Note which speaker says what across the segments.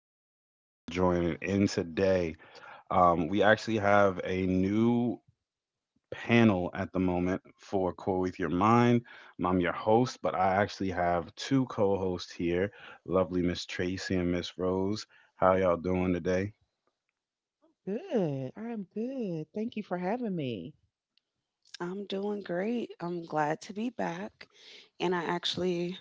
Speaker 1: Thank you guys for joining in today. We actually have a new panel at the moment for Core With Your Mind. I'm your host, but I actually have two co hosts here, lovely Miss Tracy and Miss Rose. How y'all doing today?
Speaker 2: Good. I am good. Thank you for having me.
Speaker 3: I'm doing great. I'm glad to be back. And I actually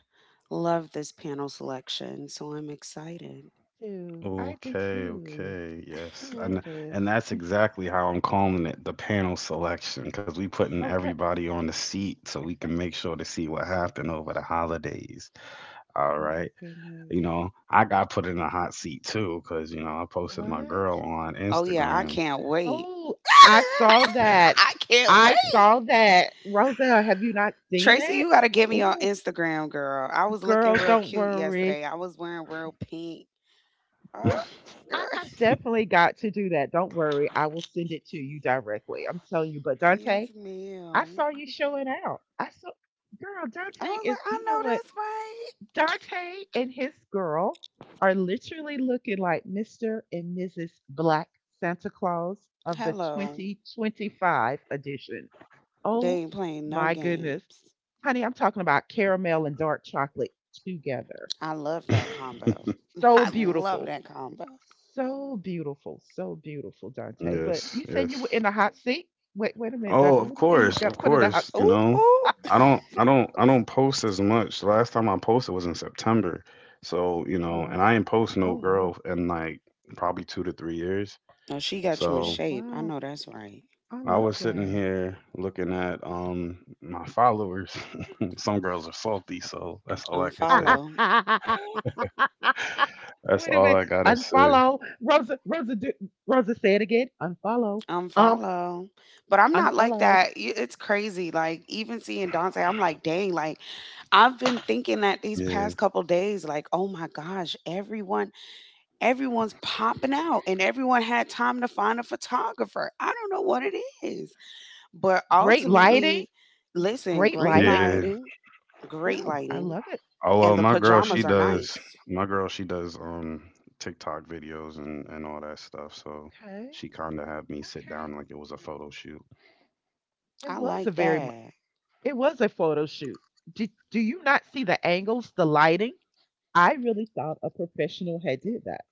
Speaker 3: love this panel selection, so I'm excited.
Speaker 2: Too. I do
Speaker 1: Okay,
Speaker 2: too.
Speaker 1: okay.
Speaker 2: I
Speaker 1: Yes. And
Speaker 2: love this.
Speaker 1: and that's exactly how I'm calling it, the panel selection, because we putting
Speaker 2: Okay.
Speaker 1: everybody on the seat so we can make sure to see what happened over the holidays. All
Speaker 2: Oh
Speaker 1: right.
Speaker 2: my goodness.
Speaker 1: I got put in a hot seat too, because I posted my girl
Speaker 2: What?
Speaker 1: on
Speaker 3: Oh, yeah, I
Speaker 1: Instagram.
Speaker 3: can't wait.
Speaker 2: Oh, I saw that.
Speaker 3: I can't
Speaker 2: I
Speaker 3: wait.
Speaker 2: saw that. Rosa, have you not seen
Speaker 3: Tracy,
Speaker 2: it?
Speaker 3: you got to get me on
Speaker 2: Oh,
Speaker 3: Instagram, girl. I was looking
Speaker 2: girl,
Speaker 3: real
Speaker 2: don't
Speaker 3: cute
Speaker 2: worry.
Speaker 3: yesterday. I was wearing real pink. Ugh,
Speaker 2: What? I
Speaker 3: girl.
Speaker 2: have definitely got to do that. Don't worry. I will send it to you directly. I'm telling you. But Dante,
Speaker 3: Yes,
Speaker 2: I
Speaker 3: ma'am.
Speaker 2: saw you showing out. I saw, girl,
Speaker 3: I
Speaker 2: Dante
Speaker 3: was like,
Speaker 2: is,
Speaker 3: I
Speaker 2: you know
Speaker 3: know
Speaker 2: what?
Speaker 3: that's right.
Speaker 2: Dante and his girl are literally looking like Mr. and Mrs. Black Santa Claus of the
Speaker 3: Hello.
Speaker 2: 2025 edition.
Speaker 3: They
Speaker 2: Oh
Speaker 3: ain't playing no
Speaker 2: my goodness.
Speaker 3: games.
Speaker 2: Honey, I'm talking about caramel and dark chocolate together.
Speaker 3: I love that combo.
Speaker 2: So
Speaker 3: I love
Speaker 2: beautiful.
Speaker 3: that combo.
Speaker 2: So beautiful. So beautiful, Dante. But you
Speaker 1: Yes,
Speaker 2: said you were
Speaker 1: yes.
Speaker 2: in a hot seat? Wait a minute,
Speaker 1: Oh,
Speaker 2: Dante.
Speaker 1: of
Speaker 2: What do you mean you
Speaker 1: course, of
Speaker 2: got put in a hot
Speaker 1: course.
Speaker 2: seat?
Speaker 3: Ooh, ooh.
Speaker 1: I don't post as much. The last time I posted was in September, so
Speaker 2: Oh wow.
Speaker 1: and I ain't post
Speaker 2: Oh
Speaker 1: no
Speaker 2: wow.
Speaker 1: girl in like probably 2 to 3 years.
Speaker 3: Oh, she got you in
Speaker 2: Oh
Speaker 1: So
Speaker 3: shape. I
Speaker 2: wow.
Speaker 3: know that's right.
Speaker 2: I
Speaker 1: I
Speaker 2: love
Speaker 1: was sitting
Speaker 2: that.
Speaker 1: here looking at my followers. Some girls are salty, so that's all I can
Speaker 2: Wait
Speaker 1: say.
Speaker 3: Unfollow.
Speaker 2: a
Speaker 1: That's all
Speaker 2: minute.
Speaker 1: I gotta say.
Speaker 2: Unfollow. Rosa do, Rosa say it again. Unfollow. Um
Speaker 3: Unfollow. But I'm not like
Speaker 2: Unfollow.
Speaker 3: that. It's crazy. Like, even seeing Dante, I'm like, dang, like, I've been thinking that these
Speaker 1: Yeah,
Speaker 3: past couple days, like, oh my gosh, everyone's popping out and everyone had time to find a photographer. I don't know what it is. But
Speaker 2: Great lighting.
Speaker 3: ultimately, listen,
Speaker 2: Great
Speaker 3: great
Speaker 2: lighting.
Speaker 1: yeah.
Speaker 3: lighting, great
Speaker 2: Ooh, I
Speaker 3: lighting.
Speaker 2: love it.
Speaker 1: Oh
Speaker 3: And
Speaker 1: well,
Speaker 3: the
Speaker 1: my girl,
Speaker 2: I l-
Speaker 1: she
Speaker 3: pajamas are
Speaker 1: does.
Speaker 3: nice.
Speaker 1: My girl, she does TikTok videos and all that stuff. So
Speaker 2: Okay. Okay.
Speaker 1: she kind of had me sit down like it was a photo shoot.
Speaker 2: It
Speaker 3: I
Speaker 2: was a
Speaker 3: like
Speaker 2: very mu-
Speaker 3: that.
Speaker 2: it was a photo shoot. Did, do you not see the angles, the lighting? I really thought a professional had did that.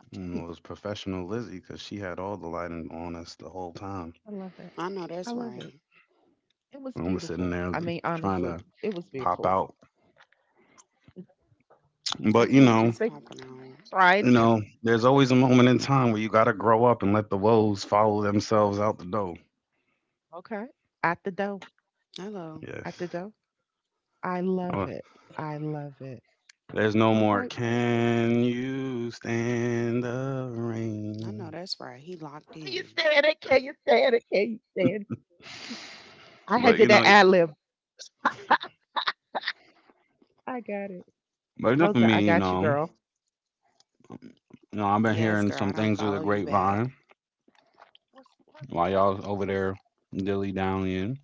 Speaker 2: I
Speaker 1: And it
Speaker 2: did.
Speaker 1: was professional Lizzie because she had all the lighting on us the whole time.
Speaker 2: I love it.
Speaker 3: I know
Speaker 2: I
Speaker 3: that's
Speaker 2: love it.
Speaker 3: right.
Speaker 2: It was
Speaker 1: And I was sitting
Speaker 2: beautiful.
Speaker 1: there
Speaker 2: I mean,
Speaker 1: trying to
Speaker 2: honestly, it was
Speaker 1: pop
Speaker 2: beautiful.
Speaker 1: out, but
Speaker 3: Everyone
Speaker 2: Did you
Speaker 3: is
Speaker 2: say
Speaker 3: popping out.
Speaker 2: trying to?
Speaker 1: there's always a moment in time where you gotta grow up and let the woes follow themselves out the door.
Speaker 2: Okay. At the dough.
Speaker 3: Hello.
Speaker 2: At
Speaker 1: Yes.
Speaker 2: the dough. I love
Speaker 1: Oh,
Speaker 2: it. I love it.
Speaker 1: there's no
Speaker 2: All
Speaker 1: more.
Speaker 2: right, brother. Can
Speaker 1: Can you stand the
Speaker 3: I know
Speaker 1: rain?
Speaker 3: that's right. He locked
Speaker 2: you
Speaker 3: in.
Speaker 2: stand it? Can you stand it? Can you stand it? I had
Speaker 1: But you
Speaker 2: did
Speaker 1: know,
Speaker 2: that ad lib. I got it.
Speaker 1: But enough of
Speaker 2: Rosa, I
Speaker 1: me, you
Speaker 2: got you,
Speaker 1: know.
Speaker 2: girl.
Speaker 1: I've been
Speaker 3: Yes,
Speaker 1: hearing
Speaker 3: girl. I
Speaker 1: some
Speaker 3: don't
Speaker 1: things through the
Speaker 3: follow you back.
Speaker 1: grapevine
Speaker 2: What's what
Speaker 1: while
Speaker 2: what's
Speaker 1: y'all was over
Speaker 2: what's
Speaker 1: there
Speaker 2: the
Speaker 1: dilly dallying.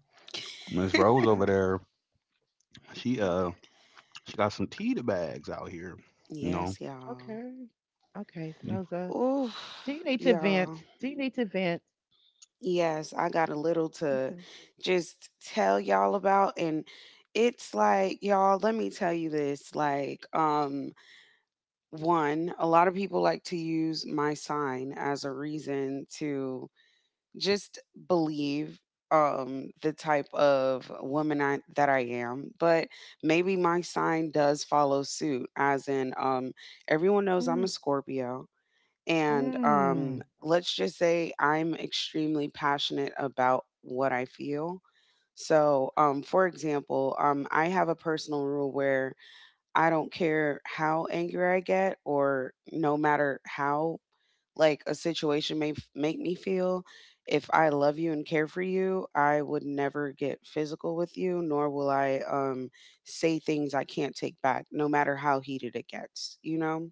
Speaker 1: Miss Rose over
Speaker 2: What?
Speaker 1: there, she uh,
Speaker 2: Nice.
Speaker 1: she got some tea bags out here. You know,
Speaker 3: Yes, y'all.
Speaker 2: Okay. Okay,
Speaker 1: Mm,
Speaker 2: Rosa. Do you
Speaker 3: Oof,
Speaker 2: need to
Speaker 3: y'all.
Speaker 2: vent? Do you need to vent?
Speaker 3: Yes, I got a little to
Speaker 2: Okay.
Speaker 3: just tell y'all about. And it's like, y'all, let me tell you this. Like, one, a lot of people like to use my sign as a reason to just believe the type of woman I that I am, but maybe my sign does follow suit as in everyone knows I'm a
Speaker 2: Mm.
Speaker 3: Scorpio, and
Speaker 2: Mm.
Speaker 3: let's just say I'm extremely passionate about what I feel. So, for example, I have a personal rule where I don't care how angry I get or no matter how, like, a situation may make me feel. If I love you and care for you, I would never get physical with you, nor will I say things I can't take back, no matter how heated it gets, you know?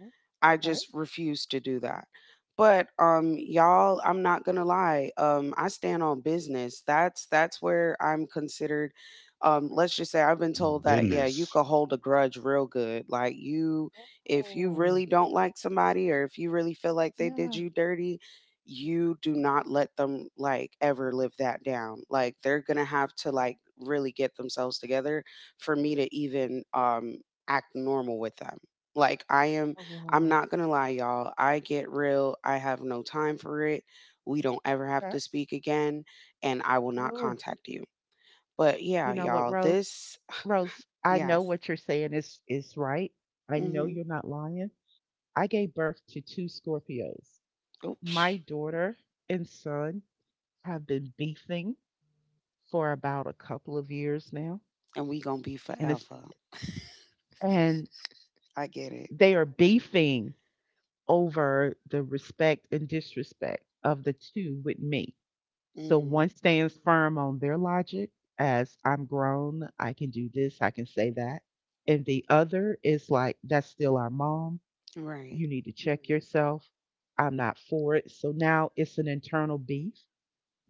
Speaker 2: Okay.
Speaker 3: I
Speaker 2: Okay.
Speaker 3: just refuse to do that. But y'all, I'm not going to lie. I stand on business. That's where I'm considered, let's just say, I've been told that, yeah, you
Speaker 1: business.
Speaker 3: could hold a grudge real good. Like, you, if you
Speaker 2: Oh.
Speaker 3: really don't like somebody, or if you really feel like they did
Speaker 2: Yeah.
Speaker 3: you dirty, you do not let them like ever live that down. Like, they're going to have to like really get themselves together for me to even act normal with them. Like I am
Speaker 2: Oh
Speaker 3: I'm
Speaker 2: wow.
Speaker 3: not gonna lie, y'all. I get real. I have no time for it. We don't ever have
Speaker 2: Okay.
Speaker 3: to speak again, and I will not
Speaker 2: Oh,
Speaker 3: contact you. But yeah,
Speaker 2: you know what,
Speaker 3: y'all,
Speaker 2: Rose?
Speaker 3: this
Speaker 2: Rose, I know
Speaker 3: yes,
Speaker 2: what you're saying is right. I know
Speaker 3: mm-hmm,
Speaker 2: you're not lying. I gave birth to two Scorpios.
Speaker 3: oops,
Speaker 2: My daughter and son have been beefing for about a couple of years now,
Speaker 3: and we gonna be
Speaker 2: and it's
Speaker 3: forever.
Speaker 2: and
Speaker 3: I get it.
Speaker 2: they are beefing over the respect and disrespect of the two with me. So one
Speaker 3: Mm,
Speaker 2: stands firm on their logic as I'm grown, I can do this, I can say that. And the other is like, that's still our mom.
Speaker 3: right.
Speaker 2: You need to check yourself. I'm not for it. So now it's an internal beef.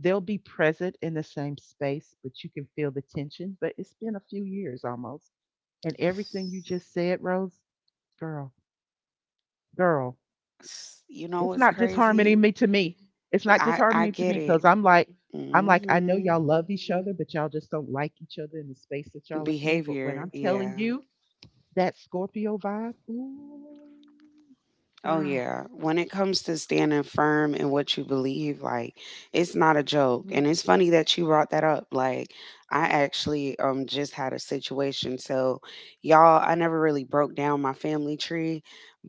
Speaker 2: They'll be present in the same space, but you can feel the tension. But it's been a few years almost. And
Speaker 3: Yes.
Speaker 2: everything you just said, Rose, girl, girl,
Speaker 3: You know
Speaker 2: it's
Speaker 3: what's
Speaker 2: not disharmony
Speaker 3: crazy?
Speaker 2: me to me. It's not
Speaker 3: I
Speaker 2: disharmony to me
Speaker 3: get
Speaker 2: because
Speaker 3: it.
Speaker 2: I'm like, I know
Speaker 3: Mm-hmm.
Speaker 2: y'all love each other, but y'all just don't like each other in the space that y'all are in. But when
Speaker 3: Behavior.
Speaker 2: I'm telling
Speaker 3: Yeah.
Speaker 2: you that Scorpio vibe, ooh,
Speaker 3: Oh
Speaker 2: girl,
Speaker 3: yeah. When it comes to standing firm in what you believe, like, it's not a joke.
Speaker 2: girl.
Speaker 3: And it's funny that you brought that up. Like, I actually just had a situation. So y'all, I never really broke down my family tree,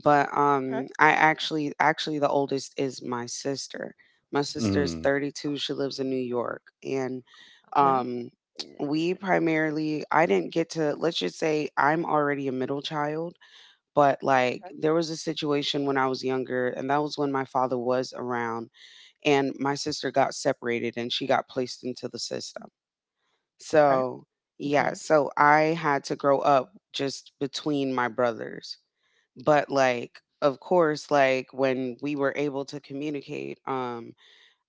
Speaker 3: but
Speaker 2: Okay,
Speaker 3: I actually, the oldest is my sister. My sister's
Speaker 1: Mm.
Speaker 3: 32. She lives in New
Speaker 2: okay,
Speaker 3: York. And
Speaker 2: okay,
Speaker 3: um we primarily, I didn't get to, let's just say, I'm already a middle child, but like there was a situation when I was younger, and that was when my father was around, and my sister got separated and she got placed into the system.
Speaker 2: okay,
Speaker 3: So,
Speaker 2: okay, okay.
Speaker 3: yeah, so I had to grow up just between my brothers. But like, of course, like, when we were able to communicate,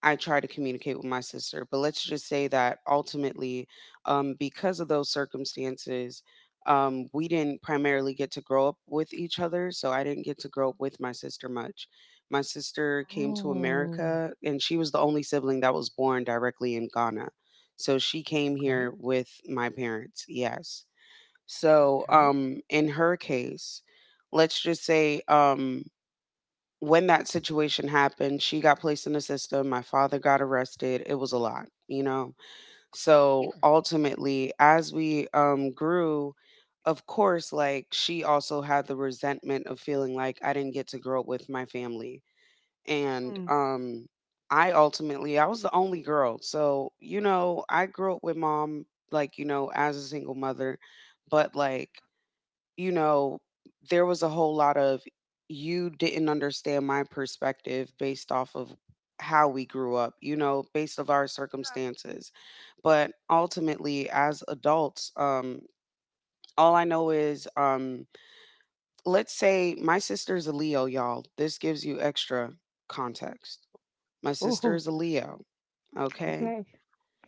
Speaker 3: I try to communicate with my sister. But let's just say that ultimately, because of those circumstances, we didn't primarily get to grow up with each other. So I didn't get to grow up with my sister much. My sister came to
Speaker 2: Oh,
Speaker 3: America, and she was the only sibling that was born directly in Ghana. So she came
Speaker 2: okay,
Speaker 3: here with my parents, yes. So
Speaker 2: okay,
Speaker 3: in her case, let's just say, when that situation happened, she got placed in the system. My father got arrested. It was a lot, you know?
Speaker 2: yeah,
Speaker 3: So ultimately, as we grew, of course, like, she also had the resentment of feeling like I didn't get to grow up with my family. And
Speaker 2: mm.
Speaker 3: I ultimately, I was the only girl. So, you know, I grew up with Mom, like, you know, as a single mother, but like, you know, there was a whole lot of, you didn't understand my perspective based off of how we grew up, you know, based of our circumstances. But ultimately, as adults, all I know is, let's say my sister's a Leo, y'all. This gives you extra context. My sister
Speaker 2: Ooh,
Speaker 3: is a Leo, okay?
Speaker 2: okay.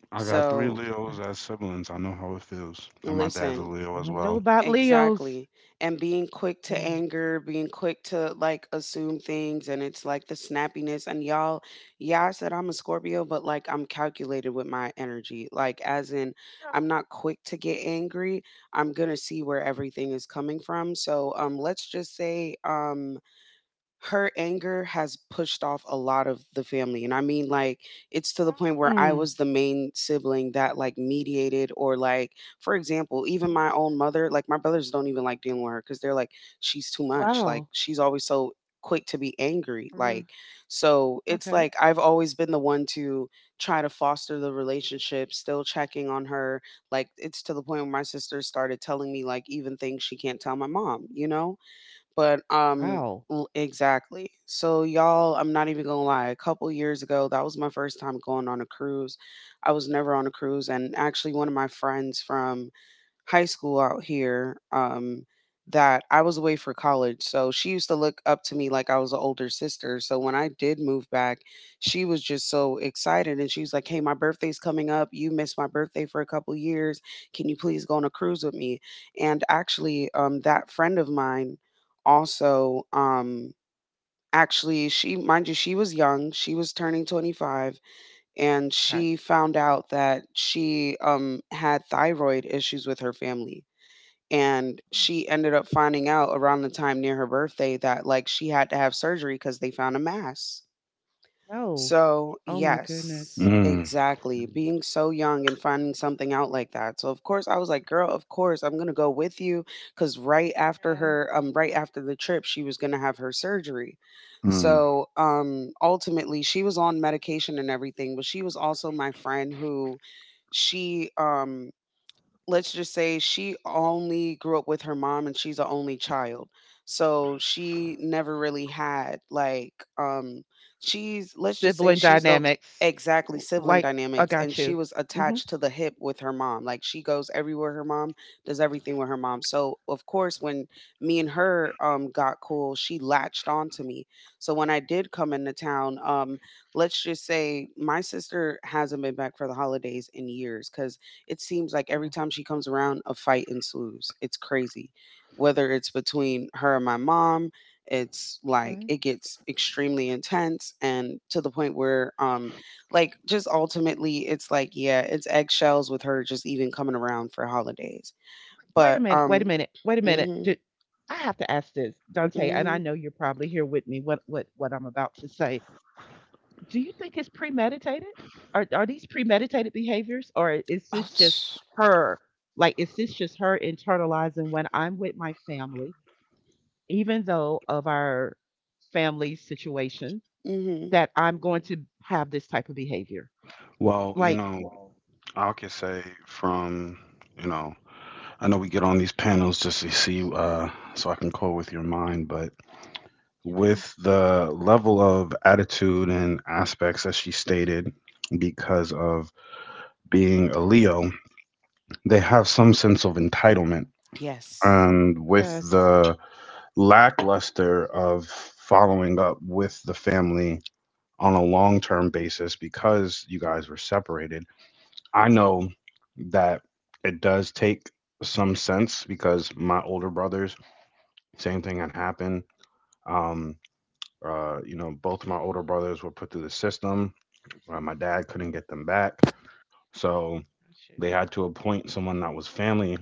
Speaker 1: I got three
Speaker 3: So
Speaker 1: Leos
Speaker 2: And
Speaker 1: as siblings. I know how it feels. And my dad's a
Speaker 3: listen.
Speaker 1: Leo
Speaker 2: I
Speaker 1: as
Speaker 2: I know
Speaker 1: well.
Speaker 2: about Leos.
Speaker 3: Exactly. And being quick to
Speaker 2: Oh,
Speaker 3: anger, being quick to like assume things, and it's like the snappiness and y'all, yeah, I said I'm a Scorpio, but like, I'm calculated with my energy. Like, as in, I'm not quick to get angry. I'm going to see where everything is coming from. So, let's just say, her anger has pushed off a lot of the family, and I mean, like, it's to the point
Speaker 2: yeah.
Speaker 3: where I
Speaker 2: Mm.
Speaker 3: was the main sibling that like mediated, or like, for example, even my own mother, like, my brothers don't even like dealing with her because they're like, she's too much. Like,
Speaker 2: Wow.
Speaker 3: she's always so quick to be angry, like,
Speaker 2: Mm,
Speaker 3: so it's
Speaker 2: okay.
Speaker 3: like, I've always been the one to try to foster the relationship, still checking on her. Like, it's to the point where my sister started telling me like even things she can't tell my mom, you know? But
Speaker 2: Wow.
Speaker 3: exactly. So y'all, I'm not even gonna lie, a couple years ago, that was my first time going on a cruise. I was never on a cruise, and actually, one of my friends from high school out here, that I was away for college. So she used to look up to me like I was an older sister. So when I did move back, she was just so excited, and she was like, "Hey, my birthday's coming up. You missed my birthday for a couple years. Can you please go on a cruise with me?" And actually, that friend of mine, also, actually, she, mind you, she was young. She was turning 25, and
Speaker 2: Okay.
Speaker 3: she found out that she had thyroid issues with her family. And
Speaker 2: Oh,
Speaker 3: she ended up finding out around the time near her birthday that, like, she had to have surgery because they found a mass.
Speaker 2: no.
Speaker 3: So,
Speaker 2: Oh my goodness.
Speaker 3: yes,
Speaker 1: Mm.
Speaker 2: Yeah.
Speaker 3: exactly. Being so young and finding something out like that. So, of course, I was like, girl, of course, I'm going to go with you. Cause
Speaker 2: Yeah.
Speaker 3: right after the trip, she was going to have her surgery.
Speaker 1: Mm.
Speaker 3: So, ultimately, she was on medication and everything, but she was also my friend who, she, let's just say, she only grew up with her mom and she's an only child. So she never really had like, she's, let's just say,
Speaker 2: Sibling
Speaker 3: she's those,
Speaker 2: dynamics.
Speaker 3: exactly,
Speaker 2: L-
Speaker 3: sibling
Speaker 2: Like, I
Speaker 3: dynamics, and
Speaker 2: got
Speaker 3: she
Speaker 2: you.
Speaker 3: was
Speaker 2: Mm hmm.
Speaker 3: attached to the hip with her mom. Like, she goes everywhere her mom, does everything with her mom. So of course, when me and her got cool, she latched on to me. So when I did come into town, let's just say my sister hasn't been back for the holidays in years, cuz it seems like every
Speaker 2: Oh,
Speaker 3: time she comes around, a fight ensues. It's crazy. Whether it's between her and my mom, it's like
Speaker 2: okay.
Speaker 3: it gets extremely intense, and to the point where, like, just ultimately, it's like, yeah, it's eggshells with her just even coming around for holidays.
Speaker 2: Wait a
Speaker 3: But
Speaker 2: minute. Wait a minute. Wait a minute.
Speaker 3: mhm.
Speaker 2: Do, I have to ask this, Dante, and I
Speaker 3: Mhm.
Speaker 2: know you're probably here with me. What I'm about to say. Do you think it's premeditated? Are these premeditated behaviors, or is this
Speaker 3: Ouch.
Speaker 2: just her? Like, is this just her internalizing when I'm with my family? Even though of our family situation,
Speaker 3: Mhm.
Speaker 2: that I'm going to have this type of behavior.
Speaker 1: Well,
Speaker 2: Like,
Speaker 1: I could say from, you know, I know we get on these panels just to see, so I can call with your mind, but
Speaker 2: oh,
Speaker 1: with the level of attitude and aspects that she stated because of being a Leo, they have
Speaker 2: no.
Speaker 1: some sense of entitlement.
Speaker 3: Yes.
Speaker 1: And with
Speaker 2: Yes,
Speaker 1: the lackluster of following up with the family on a long term basis because you guys were separated, I
Speaker 2: mm,
Speaker 1: know that it does take some sense because my older brothers, same thing had happened. Um, both my older brothers were put through the system. My dad couldn't
Speaker 2: mm,
Speaker 1: get them back. So
Speaker 2: got you.
Speaker 1: they had to appoint someone that was family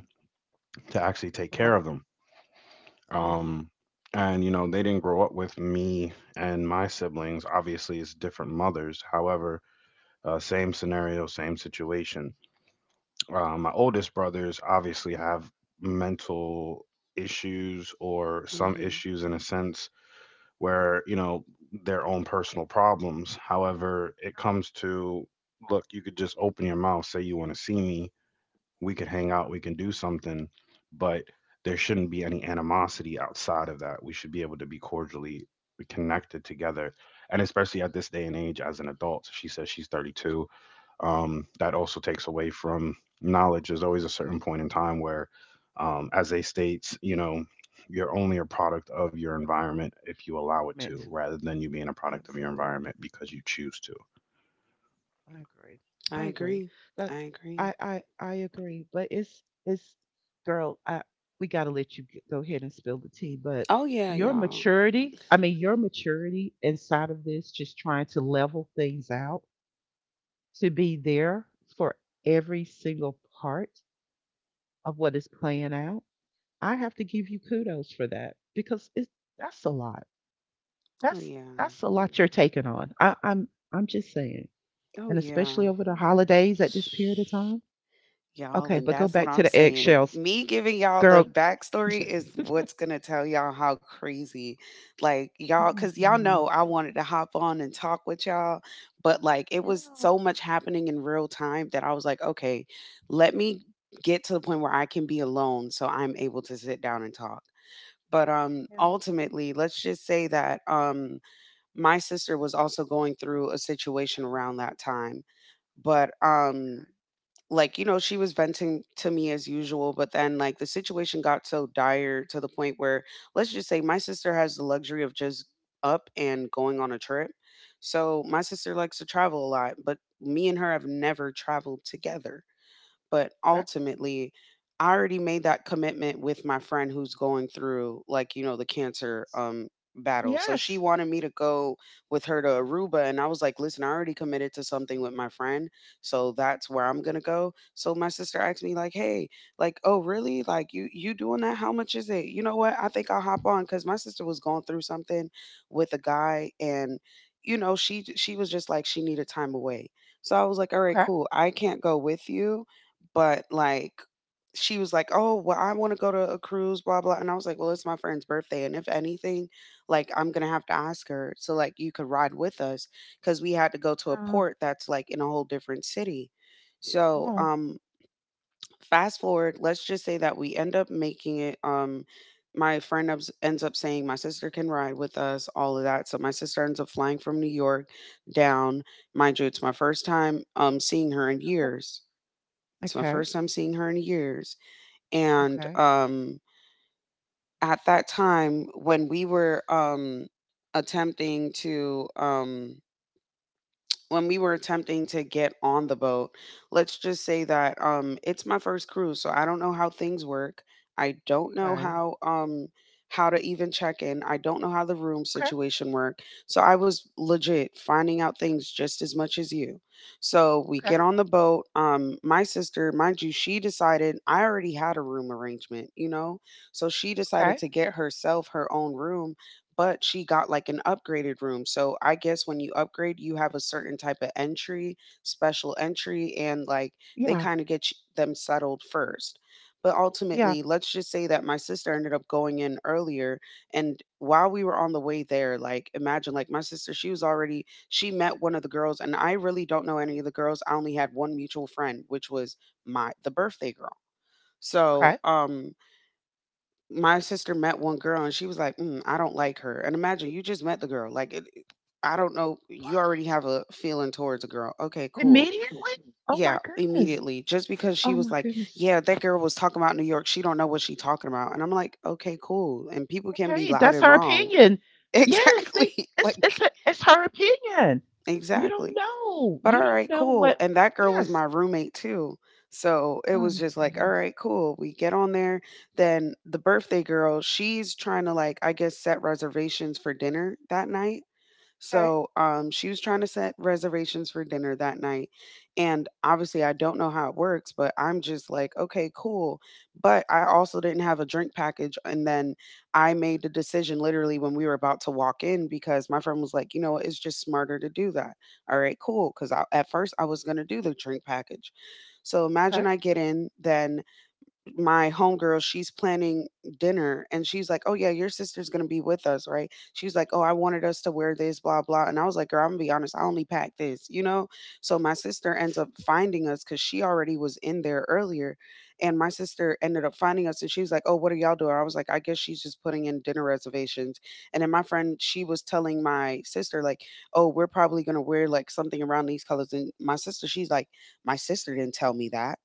Speaker 1: to actually take
Speaker 2: Uh-huh.
Speaker 1: care of them.
Speaker 2: Yes.
Speaker 1: Um, and, they didn't grow up with me and my siblings. Obviously, it's different mothers. However, same scenario, same situation. My oldest brothers obviously have mental issues or some
Speaker 3: Mhm.
Speaker 1: issues in a sense where their own personal problems. However, it comes to look, you could just open your mouth, say you want to see me, we could hang out, we can do something, but there shouldn't be any animosity outside of that. We should be able to be cordially connected together. And especially at this day and age as an adult, she says she's 32. That
Speaker 2: Yeah.
Speaker 1: also takes away from knowledge. There's always a certain point in time where, as they states, you're only a product of your environment if you allow it to,
Speaker 2: Met.
Speaker 1: rather than you being a product of your
Speaker 2: Absolutely.
Speaker 1: environment because you choose to.
Speaker 2: I agree. I
Speaker 3: I
Speaker 2: agree.
Speaker 3: agree.
Speaker 2: That
Speaker 3: I agree.
Speaker 2: I agree. But it's girl. I we gotta let you g- go ahead and spill the tea. But
Speaker 3: Oh yeah,
Speaker 2: your
Speaker 3: y'all.
Speaker 2: maturity. I mean, your maturity inside of this, just trying to level things out. To be there for every single part of what is playing out, I have to give you kudos for that because it's that's a lot.
Speaker 3: Oh
Speaker 2: That's
Speaker 3: yeah.
Speaker 2: that's a lot you're taking on. I'm just saying,
Speaker 3: Oh
Speaker 2: and
Speaker 3: yeah.
Speaker 2: especially over the holidays at this period of time.
Speaker 3: Y'all,
Speaker 2: Okay,
Speaker 3: and
Speaker 2: but go
Speaker 3: that's what
Speaker 2: back to
Speaker 3: I'm
Speaker 2: the
Speaker 3: saying.
Speaker 2: eggshells,
Speaker 3: Me giving y'all
Speaker 2: girl.
Speaker 3: the backstory is what's gonna tell y'all how crazy, like,
Speaker 2: Oh
Speaker 3: y'all,
Speaker 2: my
Speaker 3: cause y'all
Speaker 2: god.
Speaker 3: know I wanted to hop on and talk with y'all, but like, it was
Speaker 2: Yeah.
Speaker 3: so much happening in real time that I was like, okay, let me get to the point where I can be alone so I'm able to sit down and talk. But
Speaker 2: Yeah.
Speaker 3: ultimately, let's just say that my sister was also going through a situation around that time. But like, you know, she was venting to me as usual, but then, like, the situation got so dire, to the point where, let's just say, my sister has the luxury of just up and going on a trip. So my sister likes to travel a lot, but me and her have never traveled together, but
Speaker 2: Okay.
Speaker 3: ultimately, I already made that commitment with my friend who's going through, like, you know, the cancer battle. So she
Speaker 2: Yes.
Speaker 3: wanted me to go with her to Aruba and I was like, "Listen, I already committed to something with my friend, so that's where I'm going to go." So my sister asked me like, "Hey, like, oh, really? Like you doing that? How much is it?" You know what? I think I'll hop on cuz my sister was going through something with a guy and you know, she was just like she needed time away. So I was like, "All right,
Speaker 2: Okay.
Speaker 3: cool. I can't go with you, but, like, she was like, "Oh, well, I wanna go to a cruise, blah, blah," and I was like, "Well, it's my friend's birthday, and if anything, like, I'm gonna have to ask her so, like, you could ride with us because we had to go to a
Speaker 2: Uh,
Speaker 3: port that's, like, in a whole different city. So,
Speaker 2: yeah.
Speaker 3: fast forward, let's just say that we end up making it, my friend ups ends up saying, "My sister can ride with us," all of that, so my sister ends up flying from New York down. Mind you, it's my first time, seeing her in
Speaker 2: Okay.
Speaker 3: years. It's my
Speaker 2: Okay.
Speaker 3: first time seeing her in years. And
Speaker 2: Okay.
Speaker 3: at that time, attempting to um, when we were attempting to get on the boat, let's just say that it's my first cruise, so I don't know how things work. I don't know
Speaker 2: Okay.
Speaker 3: how to even check in. I don't know how the room situation work. So I was legit finding out things just as much as you. So we
Speaker 2: Okay.
Speaker 3: get on the boat. My sister, mind you, she decided I already had a room arrangement, you know? So she decided
Speaker 2: Okay.
Speaker 3: to get herself her own room but she got like an upgraded room. So I guess when you upgrade, you have a certain type of entry, special entry, and like they
Speaker 2: Yeah.
Speaker 3: kind of get them settled first. But
Speaker 2: Yeah.
Speaker 3: ultimately, let's just say that my sister ended up going in earlier. And while we were on the way there, like imagine, like my sister, she was already, she met one of the girls, and I really don't know any of the girls. I only had one mutual friend, which was the birthday girl. So,
Speaker 2: Okay.
Speaker 3: my sister met one girl and she was like, mm, I don't like her. And imagine you just met the girl. Like, I don't know. You already have a feeling towards a girl. Okay, cool.
Speaker 2: Immediately? Oh my
Speaker 3: Yeah,
Speaker 2: goodness.
Speaker 3: immediately. Just because
Speaker 2: Oh
Speaker 3: she was
Speaker 2: my
Speaker 3: like,
Speaker 2: goodness.
Speaker 3: yeah, that girl was talking about New York. She don't know what she talking about. And I'm like, okay, cool. And people can be
Speaker 2: Okay,
Speaker 3: loud
Speaker 2: that's
Speaker 3: and
Speaker 2: her
Speaker 3: wrong.
Speaker 2: opinion. Yes, they,
Speaker 3: Exactly.
Speaker 2: it's it's
Speaker 3: Like,
Speaker 2: a, it's her opinion. You don't
Speaker 3: exactly.
Speaker 2: know.
Speaker 3: But
Speaker 2: You
Speaker 3: all
Speaker 2: don't
Speaker 3: right,
Speaker 2: know
Speaker 3: cool.
Speaker 2: what.
Speaker 3: And that girl was
Speaker 2: Yes.
Speaker 3: my roommate too. So it
Speaker 2: Oh
Speaker 3: was
Speaker 2: my
Speaker 3: just like, all
Speaker 2: goodness.
Speaker 3: right, cool. We get on there. Then the birthday girl, she's trying to like, I guess, set reservations for dinner that night.
Speaker 2: Okay.
Speaker 3: So she was trying to set reservations for dinner that night. And obviously, I don't know how it works, but I'm just like, okay, cool. But I also didn't have a drink package. And then I made the decision literally when we were about to walk in because my friend was like, you know what, it's just smarter to do that. All right, cool. Because at first, I was going to do the drink package. So
Speaker 2: Okay.
Speaker 3: imagine I get in, then my homegirl, she's planning dinner and she's like, "Oh, yeah, your sister's going to be with us, right?" She's like, "Oh, I wanted us to wear this, blah, blah." And I was like, "Girl, I'm going to be honest, I only packed this," you know? So my sister ends up finding us because she already was in there earlier. And my sister ended up finding us and she was like, "Oh, what are y'all doing?" I was like, "I guess she's just putting in dinner reservations." And then my friend, she was telling my sister, like, "Oh, we're probably going to wear like something around these colors." And my sister, she's like, "My sister didn't tell me that."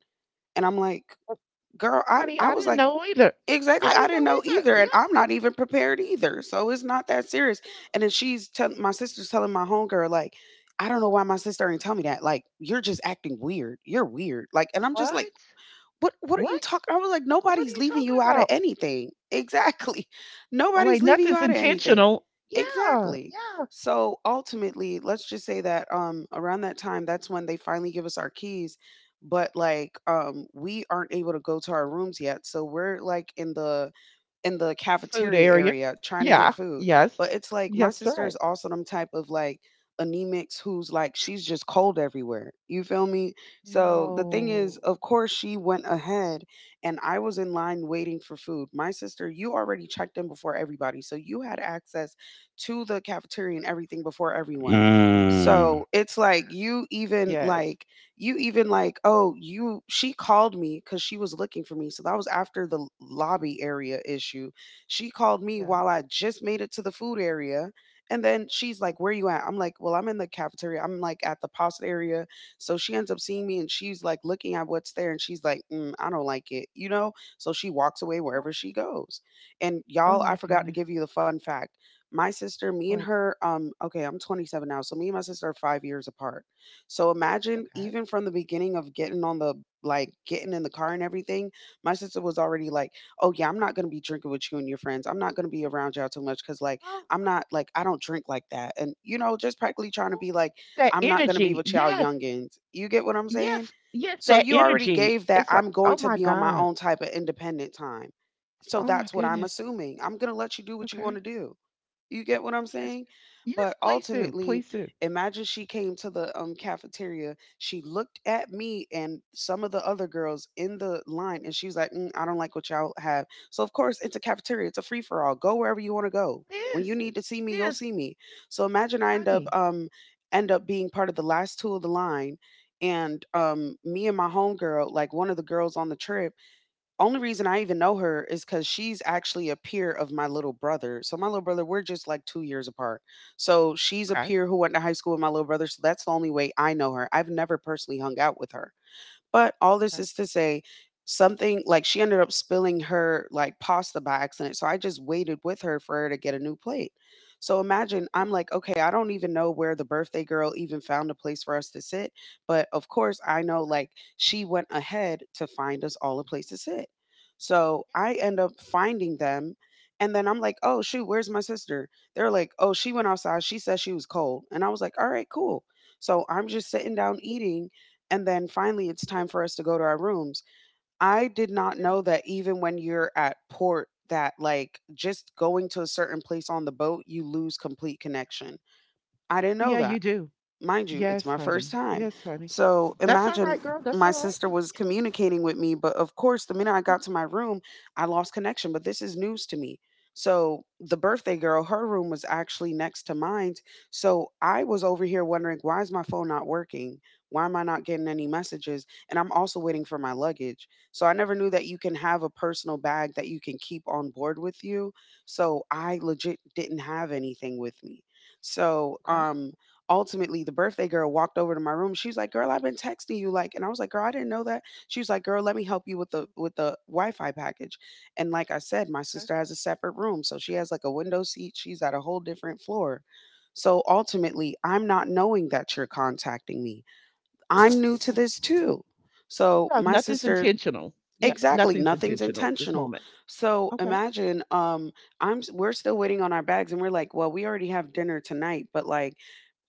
Speaker 3: And I'm like,
Speaker 2: Well,
Speaker 3: girl, I
Speaker 2: honey,
Speaker 3: I
Speaker 2: I
Speaker 3: was
Speaker 2: didn't
Speaker 3: like,
Speaker 2: know either.
Speaker 3: exactly.
Speaker 2: I
Speaker 3: I
Speaker 2: didn't
Speaker 3: didn't
Speaker 2: know
Speaker 3: know
Speaker 2: either.
Speaker 3: either, and
Speaker 2: Yeah.
Speaker 3: I'm not even prepared either. So it's not that serious.
Speaker 2: Yeah.
Speaker 3: And then she's telling my
Speaker 2: Yeah.
Speaker 3: sister's telling my homegirl like, "I don't know why my sister ain't tell me that. Like, you're just acting weird. You're weird." Like, and I'm just like,
Speaker 2: What?
Speaker 3: what are you
Speaker 2: What?
Speaker 3: talking? I was like,
Speaker 2: What are
Speaker 3: nobody's
Speaker 2: you
Speaker 3: leaving
Speaker 2: talking
Speaker 3: you out of
Speaker 2: about?
Speaker 3: anything. Exactly. Nobody's
Speaker 2: Like
Speaker 3: leaving you
Speaker 2: nothing's
Speaker 3: out of anything.
Speaker 2: intentional. Yeah.
Speaker 3: Exactly.
Speaker 2: Yeah.
Speaker 3: So ultimately, let's just say that around that time, that's when they finally give us our keys. But like we aren't able to go to our rooms yet. So we're like in the
Speaker 2: Food
Speaker 3: cafeteria
Speaker 2: area.
Speaker 3: area trying to get
Speaker 2: Yeah.
Speaker 3: food.
Speaker 2: Yes.
Speaker 3: But it's like my
Speaker 2: Yes.
Speaker 3: sister
Speaker 2: Right.
Speaker 3: is also them type of like anemics who's like she's just cold everywhere. You feel me? So the thing is,
Speaker 2: No.
Speaker 3: of course she went ahead and I was in line waiting for food. My sister, you already checked in before everybody. So you had access to the cafeteria and everything before everyone.
Speaker 1: Mm,
Speaker 3: So it's like
Speaker 2: Yes. Yes.
Speaker 3: you even like, oh, you she called me because she was looking for me. So that was after the lobby area issue. She called me
Speaker 2: Yeah.
Speaker 3: while I just made it to the food area. And then she's like, "Where you at?" I'm like, "Well, I'm in the cafeteria. I'm like at the pasta area." So she ends up seeing me and she's like looking at what's there and she's like, mm, I don't like it, you know? So she walks away
Speaker 2: What?
Speaker 3: wherever she goes. And
Speaker 2: Oh
Speaker 3: y'all, I
Speaker 2: my
Speaker 3: forgot to
Speaker 2: goodness.
Speaker 3: give you the fun fact. My sister, me and
Speaker 2: What?
Speaker 3: her, okay, I'm 27 now. So me and my sister are 5 years apart so imagine
Speaker 2: Okay.
Speaker 3: even from the beginning of getting on the like getting in the car and everything, my sister was already like, "Oh yeah, I'm not going to be drinking with you and your friends. I'm not going to be around y'all too much cuz like
Speaker 2: Oh,
Speaker 3: I'm not like I don't drink like that." And you know, just practically trying to
Speaker 2: what?
Speaker 3: be like
Speaker 2: That
Speaker 3: I'm not going to be
Speaker 2: energy.
Speaker 3: with y'all
Speaker 2: Yes.
Speaker 3: youngins. You get what I'm saying?
Speaker 2: Yes. Yes.
Speaker 3: So
Speaker 2: That
Speaker 3: you already
Speaker 2: energy.
Speaker 3: gave that
Speaker 2: It's like,
Speaker 3: I'm going
Speaker 2: oh
Speaker 3: to
Speaker 2: my
Speaker 3: be on my
Speaker 2: God.
Speaker 3: own type of independent time. So
Speaker 2: Oh my
Speaker 3: that's what I'm
Speaker 2: goodness.
Speaker 3: assuming. I'm going to let you do what you want
Speaker 2: Okay.
Speaker 3: to do. You get what I'm
Speaker 2: Yes.
Speaker 3: saying?
Speaker 2: Yes.
Speaker 3: But
Speaker 2: Please do.
Speaker 3: ultimately,
Speaker 2: Please do.
Speaker 3: imagine she came to the cafeteria. She looked at me and some of the other girls in the line, and she was like, "Mm, I don't like what y'all have." So of course, it's a cafeteria. It's a free for all. Go wherever you want to go. When you
Speaker 2: Yes.
Speaker 3: need to see me, you'll
Speaker 2: Yes.
Speaker 3: see me. So imagine I
Speaker 2: Honey.
Speaker 3: end up being part of the last two of the line, and me and my homegirl, like one of the girls on the trip, only reason I even know her is because she's actually a peer of my little brother. So my little brother, we're just like 2 years apart. So she's a
Speaker 2: Okay.
Speaker 3: peer who went to high school with my little brother, so that's the only way I know her. I've never personally hung out with her. But all this
Speaker 2: Okay.
Speaker 3: is to say, something like she ended up spilling her like pasta by accident. So I just waited with her for her to get a new plate. So imagine I'm
Speaker 2: Yeah.
Speaker 3: like, okay, I don't even know where the birthday girl even found a place for us to sit. But of course, I know like she went ahead to find us all a place to sit. So I end up finding them. And then I'm like, oh, shoot, where's my sister? They're like, oh, she went outside. She said she was cold. And I was like, all right, cool. So I'm just sitting down eating and then finally it's time for us to go to our rooms. I did not
Speaker 2: Yeah.
Speaker 3: know that even when you're at port that like just going to a certain place on the boat you lose complete connection. I didn't
Speaker 2: Oh,
Speaker 3: know
Speaker 2: yeah, you
Speaker 3: that.
Speaker 2: do.
Speaker 3: Mind you, it's
Speaker 2: Yes,
Speaker 3: my first
Speaker 2: honey.
Speaker 3: time.
Speaker 2: Yes, honey.
Speaker 3: So
Speaker 2: That's all
Speaker 3: imagine
Speaker 2: right, girl. That's
Speaker 3: my
Speaker 2: all right.
Speaker 3: sister was communicating with me, but of course, the minute I got to my room, I lost connection. But this is news to me. So the
Speaker 2: Yeah.
Speaker 3: birthday girl, her room was actually next to mine. So I was over here wondering, why is my phone not working? Why am I not getting any messages? And I'm also waiting for my luggage. So I never knew that you can have a personal bag that you can keep on board with you. So I legit didn't have anything with me. So,
Speaker 2: Okay.
Speaker 3: ultimately the birthday girl walked over to my room. She was like, "Girl, I've been texting you like." And I was like, "Girl, I didn't know that." She was like, "Girl, let me help you with the Wi-Fi package." And like I said, my
Speaker 2: Okay.
Speaker 3: sister has a separate room, so she has like a window seat. She's at a whole different floor. So ultimately, I'm not knowing that you're contacting me. I'm new to
Speaker 2: Yeah.
Speaker 3: this too. So
Speaker 2: Well,
Speaker 3: my
Speaker 2: nothing's
Speaker 3: sister
Speaker 2: intentional. Yeah.
Speaker 3: exactly,
Speaker 2: Nothing's
Speaker 3: nothing's
Speaker 2: intentional at this
Speaker 3: intentional.
Speaker 2: moment.
Speaker 3: So
Speaker 2: Okay.
Speaker 3: imagine I'm we're still waiting on our bags and we're like, well, we already have dinner tonight, but like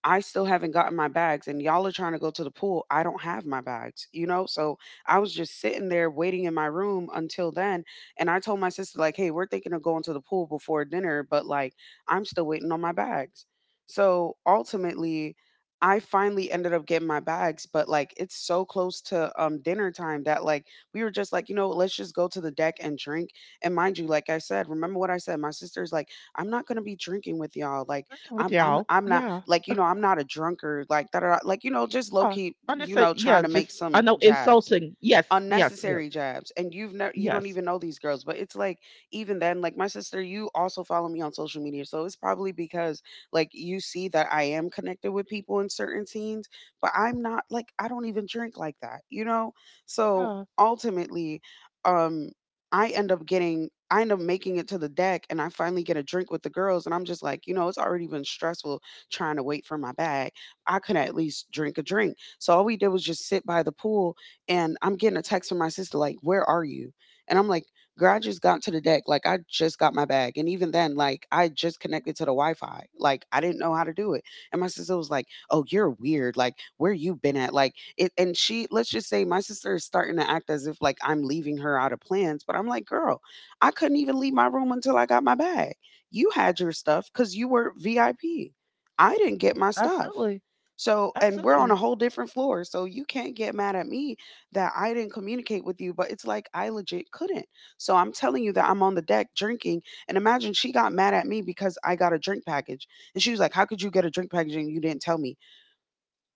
Speaker 3: I still haven't gotten my bags and y'all are trying to go to the pool. I don't have my bags, you know? So I was just sitting there waiting in my room until then. And I told my sister, like, hey, we're thinking of going to the pool before dinner, but like, I'm still waiting on my bags. So ultimately, I finally ended up getting my bags, but like it's so close to dinner time that like we were just like, you know, let's just go to the deck and drink. And mind you, like I said, remember what I said, my sister's like, I'm not gonna be drinking with y'all. Like
Speaker 2: Working with
Speaker 3: I'm I'm
Speaker 2: y'all.
Speaker 3: I'm not
Speaker 2: Yeah.
Speaker 3: like, you know, I'm not a drunkard, like, that, like, you know, just low
Speaker 2: Yeah.
Speaker 3: key, you
Speaker 2: Understood.
Speaker 3: know, trying
Speaker 2: Yeah.
Speaker 3: to make
Speaker 2: Just, I
Speaker 3: some
Speaker 2: know
Speaker 3: jabs
Speaker 2: insulting. Yes. Yes. Yes.
Speaker 3: unnecessary jabs and you don't
Speaker 2: Yes.
Speaker 3: even know these girls, but it's like even then, like my sister, you also follow me on social media, so it's probably because like you see that I am connected with people in certain scenes, but I'm not like, I don't even drink like that, you know? So
Speaker 2: Yeah.
Speaker 3: ultimately, um I end up making it to the deck and I finally get a drink with the girls and I'm just like, you know, it's already been stressful trying to wait for my bag. I could at least drink a drink. So all we did was just sit by the pool and I'm getting a text from my sister like, "Where are you?" And I'm like, "Girl, I just got to the deck. Like, I just got my bag, and even then, like, I just connected to the Wi-Fi. Like, I didn't know how to do it." And my sister was like, "Oh, you're weird. Like, where you been at? Like, it." And she, let's just say, my sister is starting to act as if like I'm leaving her out of plans, but I'm like, "Girl, I couldn't even leave my room until I got my bag. You had your stuff because you were VIP. I P. I didn't get my stuff."
Speaker 2: Absolutely.
Speaker 3: So, and we're on a
Speaker 2: Absolutely.
Speaker 3: whole different floor. So you can't get mad at me that I didn't communicate with you, but it's like I legit couldn't. So I'm telling you that I'm on the deck drinking. And imagine she got mad at me because I got a drink package. And she was like, "How could you get a drink package and you didn't tell me?"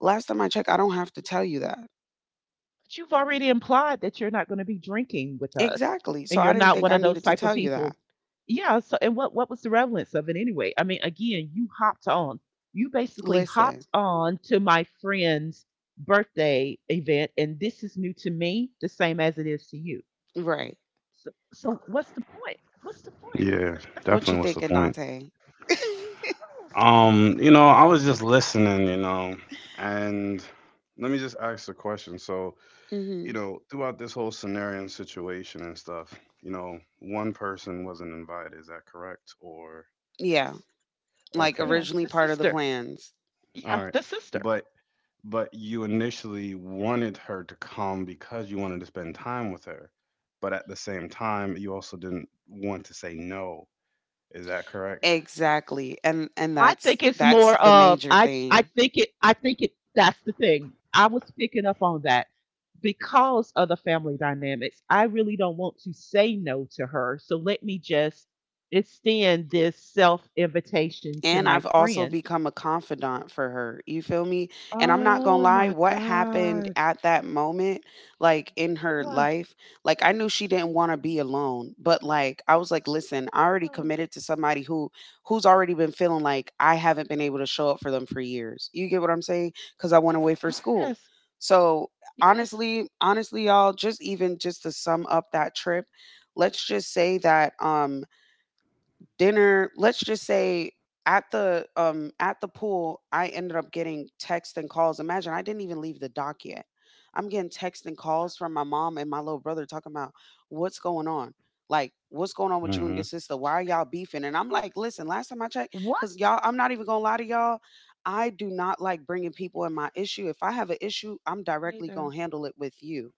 Speaker 3: Last time I checked, I don't have to tell you that.
Speaker 2: But you've already implied that you're not going to be drinking with us
Speaker 3: Exactly.
Speaker 2: and
Speaker 3: So I
Speaker 2: you're
Speaker 3: didn't
Speaker 2: not
Speaker 3: think
Speaker 2: one
Speaker 3: I
Speaker 2: of those
Speaker 3: needed to
Speaker 2: type of
Speaker 3: tell you that.
Speaker 2: people. Yeah. So, and what was the relevance of it anyway? I mean, again, you hopped on. You basically
Speaker 3: Listen,
Speaker 2: hopped on to my friend's birthday event, and this is new to me, the same as it is to you.
Speaker 3: right.
Speaker 2: So, so what's the point? What's the point?
Speaker 1: yeah,
Speaker 3: What you
Speaker 1: definitely. What's the
Speaker 3: thinking,
Speaker 1: point?
Speaker 3: Dante?
Speaker 2: Yes,
Speaker 1: I was just listening, and let me just ask a question. So,
Speaker 3: Mm-hmm.
Speaker 1: throughout this whole scenario and situation and stuff, one person wasn't invited. Is that correct? Or
Speaker 3: Yeah.
Speaker 2: yes.
Speaker 3: Like
Speaker 1: okay,
Speaker 2: Yeah,
Speaker 3: originally
Speaker 2: the
Speaker 3: part of the
Speaker 2: sister.
Speaker 3: plans.
Speaker 2: Yeah,
Speaker 1: all right,
Speaker 2: the sister.
Speaker 1: but but you initially wanted her to come because you wanted to spend time with her, but at the same time, you also didn't want to say no. Is that correct?
Speaker 3: Exactly. And
Speaker 2: I
Speaker 3: that's
Speaker 2: think it's
Speaker 3: that's
Speaker 2: more
Speaker 3: the
Speaker 2: of
Speaker 3: major
Speaker 2: I I
Speaker 3: thing.
Speaker 2: think it I think it that's the thing. I was picking up on that because of the family dynamics. I really don't want to say no to her. So let me just extend this self invitation to
Speaker 3: And
Speaker 2: my
Speaker 3: I've also
Speaker 2: friend.
Speaker 3: become a confidant for her. You feel me? And I'm not gonna
Speaker 2: Oh
Speaker 3: lie,
Speaker 2: my
Speaker 3: what happened
Speaker 2: God.
Speaker 3: at that moment, like in her
Speaker 2: Well,
Speaker 3: life, like I knew she didn't want to be alone, but like I was like, listen, I already
Speaker 2: oh,
Speaker 3: committed to somebody who who's already been feeling like I haven't been able to show up for them for years. You get what I'm saying? Because I went away for school.
Speaker 2: yes,
Speaker 3: So
Speaker 2: yes.
Speaker 3: honestly, honestly, y'all, just even just to sum up that trip, let's just say that dinner, let's just say at the pool, I ended up getting texts and calls. Imagine I didn't even leave the dock yet. I'm getting texts and
Speaker 2: What
Speaker 3: calls from my mom and my little brother talking about what's going on. Like, what's going on with you and your
Speaker 1: Hmm.
Speaker 3: sister?
Speaker 2: do
Speaker 3: Why
Speaker 2: you
Speaker 3: are
Speaker 2: mean?
Speaker 3: y'all beefing? And I'm like, listen, last time I checked, because
Speaker 2: What?
Speaker 3: y'all, I'm not even gonna lie to y'all. I do not like bringing people in my issue. If I have an issue, I'm directly
Speaker 2: Neither.
Speaker 3: gonna handle it with you.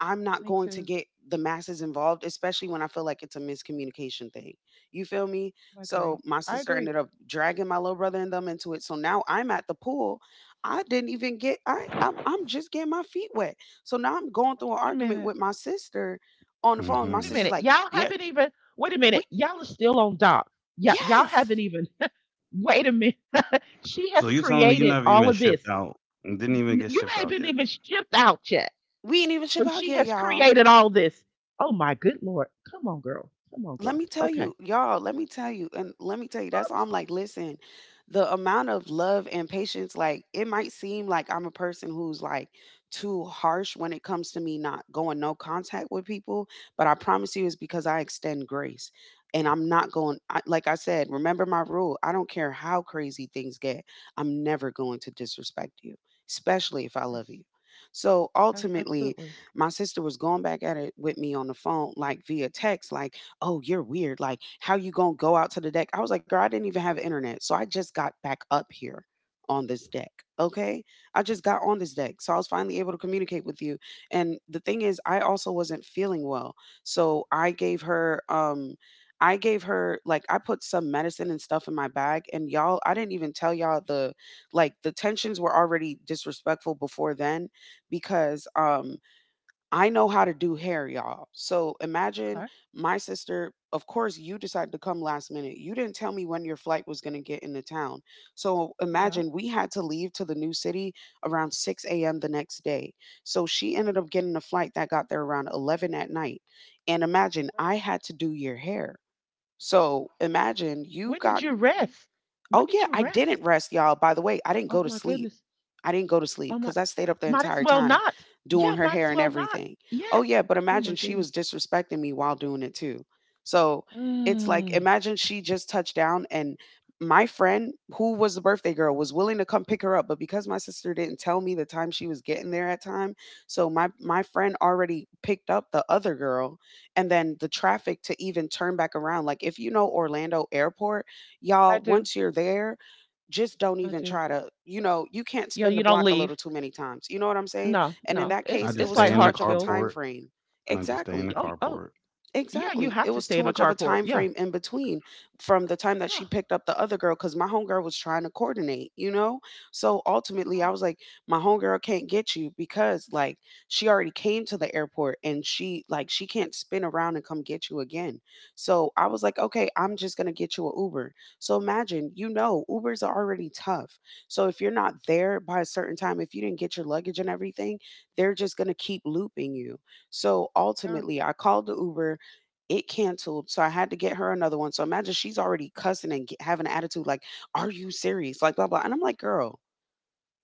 Speaker 3: I'm not
Speaker 2: Me
Speaker 3: going to
Speaker 2: too.
Speaker 3: get the masses involved, especially when I feel like it's a miscommunication thing. You feel me?
Speaker 2: I
Speaker 3: So
Speaker 2: agree.
Speaker 3: my
Speaker 2: I
Speaker 3: sister
Speaker 2: agree.
Speaker 3: ended up dragging my little brother and them into it. So now I'm at the pool. I didn't even get. I'm just getting my feet wet. So now I'm going through an
Speaker 2: Wait a
Speaker 3: argument
Speaker 2: minute.
Speaker 3: with my sister on the phone. My
Speaker 2: Wait a
Speaker 1: Hmm.
Speaker 3: sister's
Speaker 2: minute.
Speaker 3: like,
Speaker 2: Y'all
Speaker 3: "Yeah,
Speaker 2: haven't even. Wait a
Speaker 3: we
Speaker 2: minute. Y'all are still on dock. Yeah, y'all haven't
Speaker 3: yes,
Speaker 2: even. Wait a minute. She
Speaker 1: So
Speaker 2: has
Speaker 1: you telling me you
Speaker 2: created
Speaker 1: never
Speaker 2: all
Speaker 1: even
Speaker 2: of
Speaker 1: shipped
Speaker 2: this.
Speaker 1: out? Didn't even get
Speaker 2: You
Speaker 1: shipped out
Speaker 2: haven't
Speaker 1: yet.
Speaker 2: even shipped out yet,
Speaker 3: we ain't even ship
Speaker 2: and
Speaker 3: out
Speaker 2: she
Speaker 3: yet,
Speaker 2: has
Speaker 3: y'all."
Speaker 2: created all this. Oh my good lord! Come on, girl. Come on,
Speaker 3: Let
Speaker 2: girl.
Speaker 3: me tell
Speaker 2: Okay.
Speaker 3: you, y'all, let me tell you, and let me tell you, that's all.
Speaker 2: Oops.
Speaker 3: I'm like, listen, the amount of love and patience, like, it might seem like I'm a person who's like too harsh when it comes to me not going no contact with people, but I promise you it's because I extend grace. And I'm not going, I, like I said, remember my rule. I don't care how crazy things get, I'm never going to disrespect you, especially if I love
Speaker 2: Yes.
Speaker 3: you. So
Speaker 2: a-
Speaker 3: ultimately,
Speaker 2: Absolutely.
Speaker 3: my sister was going back at it with me on the phone, like via text, like, "Oh, you're weird. Like, how you gonna go out to the deck?" I was like, "Girl, I didn't even have internet, so I just got back up here. On this deck, okay? I just got on this deck." So I was finally able to communicate with you. And the thing is, I also wasn't feeling well. So I gave her like I put some medicine and stuff in my bag. And y'all, I didn't even tell y'all the like the tensions were already disrespectful before then because I know how to do hair, y'all. So imagine
Speaker 2: Okay.
Speaker 3: my sister. Of course, you decided to come last minute. You didn't tell me when your flight was going to get into town. So
Speaker 2: Yeah.
Speaker 3: imagine we had to leave to the new city around 6 a.m. the next day. So she ended up getting a flight that got there around 11 at night. And imagine I had to do your hair. So imagine you
Speaker 2: When did
Speaker 3: got.
Speaker 2: you rest? When
Speaker 3: Oh
Speaker 2: did
Speaker 3: yeah,
Speaker 2: you
Speaker 3: I
Speaker 2: rest?
Speaker 3: didn't rest, y'all. By the way, I didn't
Speaker 2: Oh
Speaker 3: go to
Speaker 2: my
Speaker 3: sleep.
Speaker 2: goodness.
Speaker 3: I didn't go to sleep
Speaker 2: Oh my,
Speaker 3: because I stayed up the
Speaker 2: might as
Speaker 3: entire
Speaker 2: well
Speaker 3: time
Speaker 2: not.
Speaker 3: doing
Speaker 2: Yeah,
Speaker 3: her
Speaker 2: might as
Speaker 3: hair and
Speaker 2: well not.
Speaker 3: everything. Oh yeah,
Speaker 2: Yes.
Speaker 3: but
Speaker 2: Oh my
Speaker 3: imagine she was
Speaker 2: goodness.
Speaker 3: disrespecting me while doing it too. So it's like
Speaker 2: Mm,
Speaker 3: imagine she just touched down and my friend who was the birthday girl was willing to come pick her up, but because my sister didn't tell me the time she was getting there at time, so my friend already picked up the other girl and then the traffic to even turn back around. Like if you know Orlando Airport,
Speaker 2: I
Speaker 3: y'all,
Speaker 2: do.
Speaker 3: once you're there, just don't
Speaker 2: I
Speaker 3: even
Speaker 2: do.
Speaker 3: try to, you know, you can't
Speaker 2: Yeah,
Speaker 3: spin the
Speaker 2: you don't
Speaker 3: block a little
Speaker 2: leave.
Speaker 3: too many times. You know what I'm saying?
Speaker 2: No,
Speaker 3: And in
Speaker 2: no.
Speaker 3: that
Speaker 1: I
Speaker 3: case,
Speaker 1: just
Speaker 3: it
Speaker 2: It's
Speaker 3: was
Speaker 1: stay
Speaker 2: like
Speaker 1: in
Speaker 3: too
Speaker 1: the
Speaker 3: much of a
Speaker 2: Hartsville.
Speaker 3: time
Speaker 1: carport,
Speaker 3: frame.
Speaker 1: and I just stay in the
Speaker 3: Exactly.
Speaker 2: Oh, oh,
Speaker 1: carport,
Speaker 2: yeah. You
Speaker 3: Exactly.
Speaker 2: have
Speaker 3: It
Speaker 2: to
Speaker 3: was
Speaker 2: stay
Speaker 3: too
Speaker 2: in the
Speaker 3: much of a
Speaker 2: carport.
Speaker 3: time
Speaker 2: Yeah,
Speaker 3: frame in between from the time that
Speaker 2: yeah,
Speaker 3: she picked up the other girl because my homegirl was trying to coordinate, you know? So ultimately, I
Speaker 2: yeah.
Speaker 3: was like, my homegirl can't get you because, like, she already came to the airport and she, like, she can't spin around and come get you again. So I was like, okay, I'm just going to get you an Uber. So imagine, you know, Ubers are already tough. So if you're not there by a certain time, if you didn't get your luggage and everything, they're just going to keep looping you. So
Speaker 2: Yeah.
Speaker 3: ultimately, I called the Uber. It canceled, so I had to get her another one. So imagine she's already cussing and get, having an attitude like, "Are you serious?" Like, blah blah. And I'm like, "Girl,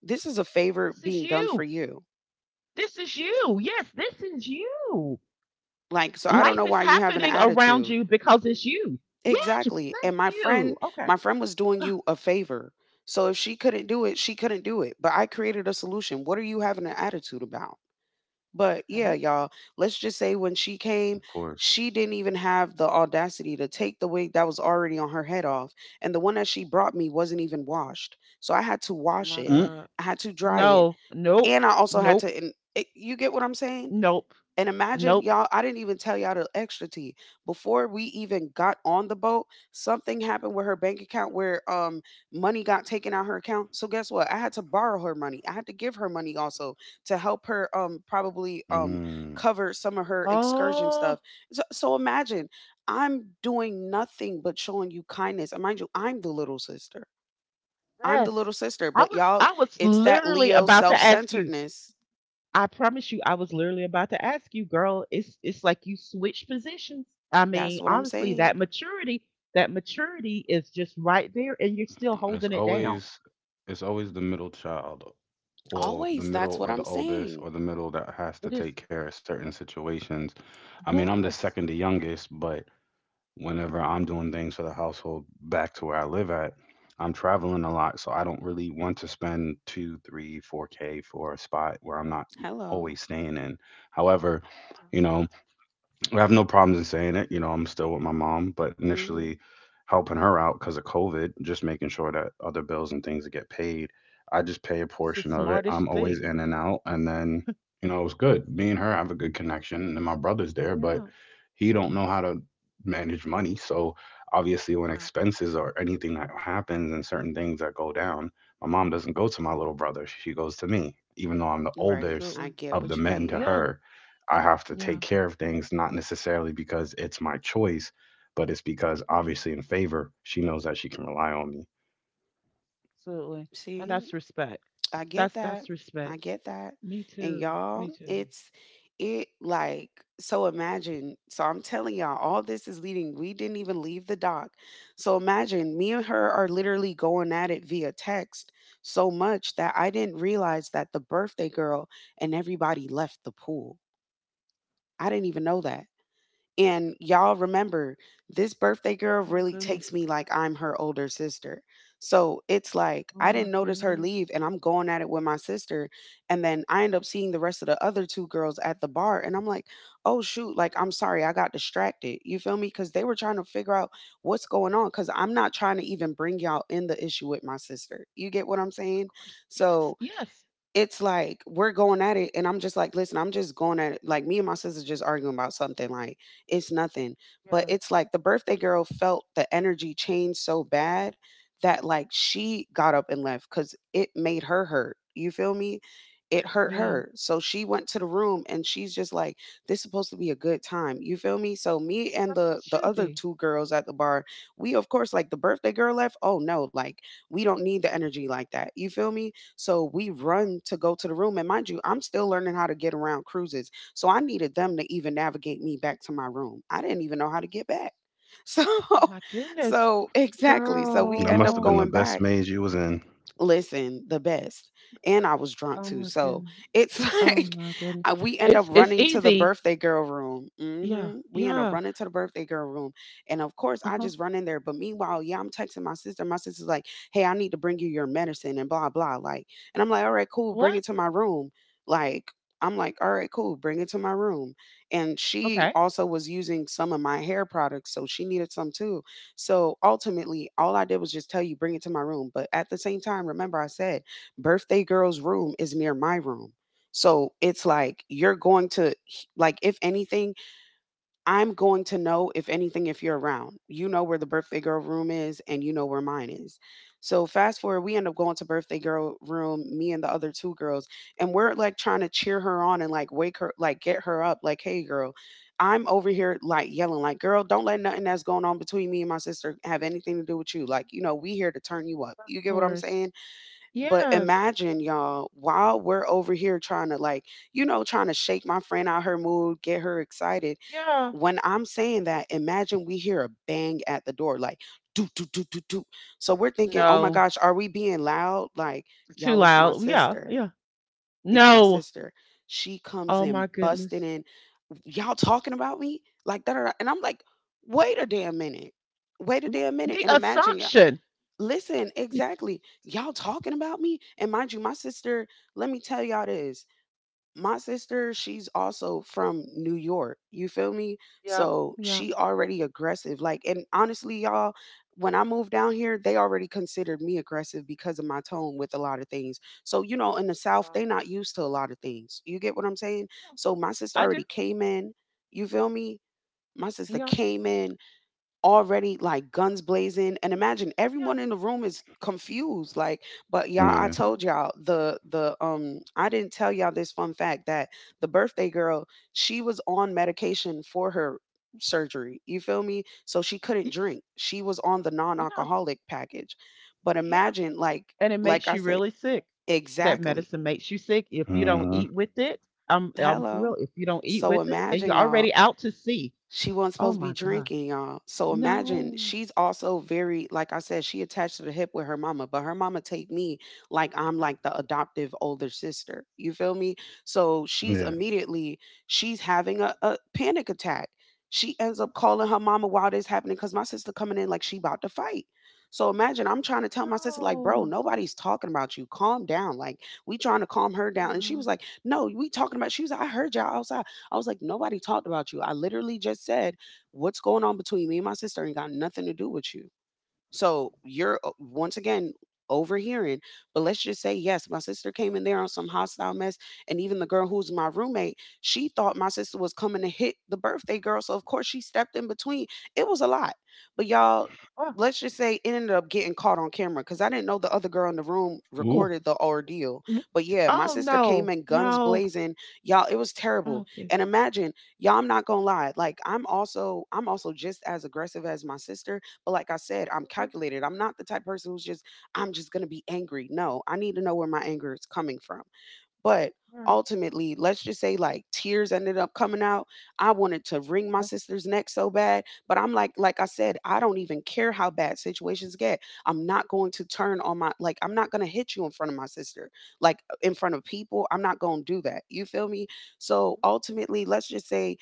Speaker 3: this is a favor
Speaker 2: This is
Speaker 3: being done for
Speaker 2: you.
Speaker 3: you."
Speaker 2: This is you. Yes, this is you.
Speaker 3: Like, so I don't know
Speaker 2: Life is
Speaker 3: why you having an
Speaker 2: happening around
Speaker 3: attitude.
Speaker 2: you because it's you. Yes,
Speaker 3: Exactly.
Speaker 2: thank
Speaker 3: And
Speaker 2: you. Okay.
Speaker 3: my friend was doing
Speaker 2: Ah,
Speaker 3: you a favor. So if she couldn't do it, she couldn't do it. But I created a solution. What are you having an attitude about? But yeah,
Speaker 2: okay.
Speaker 3: y'all, let's just say when she came,
Speaker 1: of course.
Speaker 3: she didn't even have the audacity to take the wig that was already on her head off. And the one that she brought me wasn't even washed. So I had to
Speaker 2: Oh
Speaker 3: wash
Speaker 2: my
Speaker 3: it,
Speaker 1: Mm.
Speaker 2: God.
Speaker 3: I had to dry it,
Speaker 2: No. Nope.
Speaker 3: and I also had
Speaker 2: Nope.
Speaker 3: to. And it, you get what I'm saying?
Speaker 2: Nope.
Speaker 3: And imagine
Speaker 2: Nope.
Speaker 3: y'all, I didn't even tell y'all the extra tea. Before we even got on the boat, something happened with her bank account where money got taken out her account. So guess what? I had to borrow her money. I had to give her money also to help her probably
Speaker 1: Mm.
Speaker 3: cover some of her excursion
Speaker 2: Oh,
Speaker 3: stuff. So imagine I'm doing nothing but showing you kindness. And mind you, I'm the little sister. I'm the
Speaker 2: yes.
Speaker 3: little sister,
Speaker 2: I
Speaker 3: but
Speaker 2: was
Speaker 3: y'all,
Speaker 2: I was
Speaker 3: it's that
Speaker 2: literally
Speaker 3: Leo
Speaker 2: about to ask you.
Speaker 3: self-centeredness.
Speaker 2: I promise you, I was literally about to ask you, girl. It's like you switch positions. I
Speaker 3: That's
Speaker 2: mean,
Speaker 3: what I'm
Speaker 2: honestly,
Speaker 3: saying.
Speaker 2: that maturity is just right there and you're still
Speaker 1: It's
Speaker 2: holding it down.
Speaker 1: always it's always the middle child, well, the
Speaker 3: Always,
Speaker 1: middle
Speaker 3: that's what
Speaker 1: or the
Speaker 3: I'm
Speaker 1: oldest
Speaker 3: saying.
Speaker 1: or the middle that has to
Speaker 2: It
Speaker 1: take
Speaker 2: is
Speaker 1: care of certain situations. I mean, I'm the
Speaker 2: yes.
Speaker 1: second to youngest, but whenever I'm doing things for the household back to where I live at, I'm traveling a lot, so I don't really want to spend 2, 3, 4K for a spot where I'm not
Speaker 3: Hello.
Speaker 1: always staying in. However, you know, I have no problems in saying it. I'm still with my mom, but initially
Speaker 3: Mhm.
Speaker 1: helping her out because of COVID, just making sure that other bills and things get paid. I just pay a
Speaker 2: That's the
Speaker 1: portion of it. I'm
Speaker 2: smartest
Speaker 1: always
Speaker 2: thing.
Speaker 1: in and out, and then it was good. Me and her have a good connection, and then
Speaker 2: Mm,
Speaker 1: my brother's there, but
Speaker 2: yeah.
Speaker 1: he don't know how to manage money. So obviously, when
Speaker 2: Yeah.
Speaker 1: expenses or anything that happens and certain things that go down, my mom doesn't go to my little brother. She goes to me, even though I'm the
Speaker 3: Right.
Speaker 1: oldest
Speaker 3: I
Speaker 2: Absolutely.
Speaker 3: get
Speaker 1: of the
Speaker 3: what you
Speaker 1: men to
Speaker 3: mean.
Speaker 2: Yeah.
Speaker 1: her. I have to
Speaker 2: Yeah.
Speaker 1: take care of things, not necessarily because it's my choice, but it's because obviously in favor, she knows that she can rely on me.
Speaker 2: Absolutely. And
Speaker 3: See?
Speaker 2: that's respect.
Speaker 3: I get
Speaker 2: That's
Speaker 3: that.
Speaker 2: that's respect.
Speaker 3: I get that.
Speaker 2: Me
Speaker 3: And
Speaker 2: too.
Speaker 3: y'all,
Speaker 2: Me too.
Speaker 3: it's it like so imagine. So I'm telling y'all all this is leading. We didn't even leave the dock. So imagine me and her are literally going at it via text so much that I didn't realize that the birthday girl and everybody left the pool. I didn't even know that. And y'all remember, this birthday
Speaker 2: Oh
Speaker 3: girl
Speaker 2: my
Speaker 3: really takes
Speaker 2: goodness.
Speaker 3: me like I'm her older sister. So it's like
Speaker 2: Oh
Speaker 3: I
Speaker 2: my
Speaker 3: didn't notice her leave
Speaker 2: goodness.
Speaker 3: and I'm going at it with my sister. And then I end up seeing the rest of the other two girls at the bar. And I'm like, oh, shoot, like I'm sorry, I got distracted. You feel me? Because they were trying to figure out what's going on. Because I'm not trying to even bring y'all in the issue with my sister. You get what I'm
Speaker 2: Of
Speaker 3: saying?
Speaker 2: course. Yes.
Speaker 3: So
Speaker 2: Yes.
Speaker 3: it's like we're going at it, and I'm just like, listen, I'm just going at it. Like me and my sister just arguing about something. Like it's nothing, but
Speaker 2: Yeah.
Speaker 3: it's like the birthday girl felt the energy change so bad that like she got up and left because it made her hurt. You feel me? It hurt
Speaker 2: Yeah.
Speaker 3: her. So she went to the room and she's just like, this is supposed to be a good time. You feel me? So me and
Speaker 2: That's what
Speaker 3: the
Speaker 2: It
Speaker 3: the
Speaker 2: should
Speaker 3: other
Speaker 2: be.
Speaker 3: two girls at the bar, we of course like the birthday girl left. Oh no, like we don't need the energy like that. You feel me? So we
Speaker 2: Oh
Speaker 3: run to go to the room. And mind you, I'm still learning how to get around cruises. So I needed them to even navigate me back to my room. I didn't even know how to get back. So,
Speaker 2: oh my goodness,
Speaker 3: so exactly. So we
Speaker 1: That
Speaker 3: end
Speaker 1: must
Speaker 3: up
Speaker 1: have been
Speaker 2: girl.
Speaker 1: the
Speaker 3: going
Speaker 1: best
Speaker 3: back.
Speaker 1: maze you was in.
Speaker 3: Listen, the best. And I was drunk
Speaker 2: Oh
Speaker 3: too.
Speaker 2: my
Speaker 3: So
Speaker 2: goodness.
Speaker 3: it's
Speaker 2: Oh
Speaker 3: like
Speaker 2: my goodness.
Speaker 3: we end up
Speaker 2: It's
Speaker 3: running to the
Speaker 2: easy.
Speaker 3: birthday girl room.
Speaker 2: Yeah.
Speaker 3: We end up
Speaker 2: Yeah.
Speaker 3: running to the birthday girl room. And of course, I
Speaker 2: Uh-huh.
Speaker 3: just run in there. But meanwhile, yeah, I'm texting my sister. My sister's like, hey, I need to bring you your medicine and blah, blah. Like, and I'm like, all right, cool. Bring it
Speaker 2: What?
Speaker 3: to my room. Like, I'm like, all right, cool. Bring it to my room. And she
Speaker 2: Okay.
Speaker 3: also was using some of my hair products. So she needed some too. So ultimately, all I did was just tell you, bring it to my room. But at the same time, remember I said, birthday girl's room is near my room. So it's like you're going to, like, if anything, I'm going to know if anything if you're around. You know where the birthday girl room is and you know where mine is. So fast forward, we end up going to birthday girl room, me and the other two girls, and we're like trying to cheer her on and like wake her like get her up like, "Hey girl, I'm over here like yelling like, "Girl, don't let nothing that's going on between me and my sister have anything to do with you. Like, you know, we here to turn you up."
Speaker 2: Of
Speaker 3: You get what I'm
Speaker 2: course.
Speaker 3: saying? But
Speaker 2: Yes.
Speaker 3: imagine y'all, while we're over here trying to like, you know, trying to shake my friend out her mood, get her excited,
Speaker 2: Yeah.
Speaker 3: when I'm saying that, imagine we hear a bang at the door, like do do do do do. So we're thinking, oh my
Speaker 2: No.
Speaker 3: gosh, are we being loud? Like,
Speaker 2: Too
Speaker 3: y'all, it's my
Speaker 2: loud. Yeah.
Speaker 3: sister.
Speaker 2: Yeah.
Speaker 3: It's my
Speaker 2: No.
Speaker 3: sister. She comes
Speaker 2: Oh my
Speaker 3: in busting
Speaker 2: goodness.
Speaker 3: in. Y'all talking about me? Like that. And I'm like, wait a damn minute. Wait a
Speaker 2: What?
Speaker 3: damn minute.
Speaker 2: The
Speaker 3: And imagine y'all.
Speaker 2: assumption.
Speaker 3: Listen, exactly. Y'all talking about me? And mind you, my sister, let me tell y'all this my sister, she's also from New York. You feel me?
Speaker 2: Yep.
Speaker 3: So
Speaker 2: Yep.
Speaker 3: she already aggressive. Like, and honestly, y'all, when I moved down here, they already considered me aggressive because of my tone with a lot of things. So, you know, in the South,
Speaker 2: Wow.
Speaker 3: they not used to a lot of things. You get what I'm saying?
Speaker 2: Yeah.
Speaker 3: So my sister
Speaker 2: I do.
Speaker 3: already came in. You feel me? My sister
Speaker 2: Yep.
Speaker 3: came in already like guns blazing and imagine
Speaker 2: Yeah.
Speaker 3: everyone in the room is confused like but y'all, I
Speaker 1: Yeah.
Speaker 2: Yeah.
Speaker 3: told y'all the I didn't tell y'all this fun fact that the birthday girl, she was on medication for her surgery. You feel me? So she couldn't
Speaker 2: Yes.
Speaker 3: drink, she was on the
Speaker 2: Yeah.
Speaker 3: non-alcoholic package. But
Speaker 2: Yeah.
Speaker 3: imagine,
Speaker 2: And it
Speaker 3: like
Speaker 2: makes
Speaker 3: I
Speaker 2: you
Speaker 3: said,
Speaker 2: really sick. That
Speaker 3: exactly.
Speaker 2: medicine makes you sick if you don't
Speaker 1: Hmm.
Speaker 2: eat with it. I'm for
Speaker 3: Hello.
Speaker 2: real. If you don't eat
Speaker 3: So
Speaker 2: with it and
Speaker 3: imagine
Speaker 2: you're
Speaker 3: y'all,
Speaker 2: already out to sea.
Speaker 3: she wasn't
Speaker 2: Oh
Speaker 3: supposed to be
Speaker 2: my God.
Speaker 3: drinking, y'all. So imagine
Speaker 2: No.
Speaker 3: she's also very, like I said, she attached to the hip with her mama, but her mama take me like I'm like the adoptive older sister. You feel me? So she's
Speaker 1: Yeah.
Speaker 3: immediately, she's having a panic attack. She ends up calling her mama while this happening because my sister coming in like she about to fight. So imagine I'm trying to tell my sister like, bro,
Speaker 2: No.
Speaker 3: nobody's talking about you. Calm down. Like we trying to calm her down, and she
Speaker 2: Yeah.
Speaker 3: was like, no, we talking about. She was like, I heard y'all outside. I was like, nobody talked about you. I literally just said, what's going on between me and my sister ain't got nothing to do with you. So you're once again overhearing. But let's just say, yes, my sister came in there on some hostile mess. And even the girl who's my roommate, she thought my sister was coming to hit the birthday girl. So of course she stepped in between. It was a lot. But y'all,
Speaker 2: Oh.
Speaker 3: let's just say it ended up getting caught on camera because I didn't know the other girl in the room
Speaker 1: Ooh.
Speaker 2: Oh,
Speaker 3: recorded the ordeal.
Speaker 2: what?
Speaker 3: But yeah, my
Speaker 2: Oh
Speaker 3: sister came
Speaker 2: no.
Speaker 3: in guns
Speaker 2: No.
Speaker 3: blazing. Y'all, it was terrible.
Speaker 2: Okay.
Speaker 3: And imagine, y'all, I'm not gonna lie, like I'm also just as aggressive as my sister. Like I said, I'm
Speaker 2: Okay.
Speaker 3: calculated. I'm not the type of person who's just, I'm just going to be angry. No, I need to know where my anger is coming from. But
Speaker 2: Yeah.
Speaker 3: ultimately, let's just say like tears ended up coming out. I wanted to wring my
Speaker 2: Okay.
Speaker 3: sister's neck so bad. But I'm like I said, I don't even care how bad situations get. I'm not going to turn on my, like, I'm not going to hit you in front of my sister, like in front of people. I'm not going to do that. You feel me? So ultimately, let's just say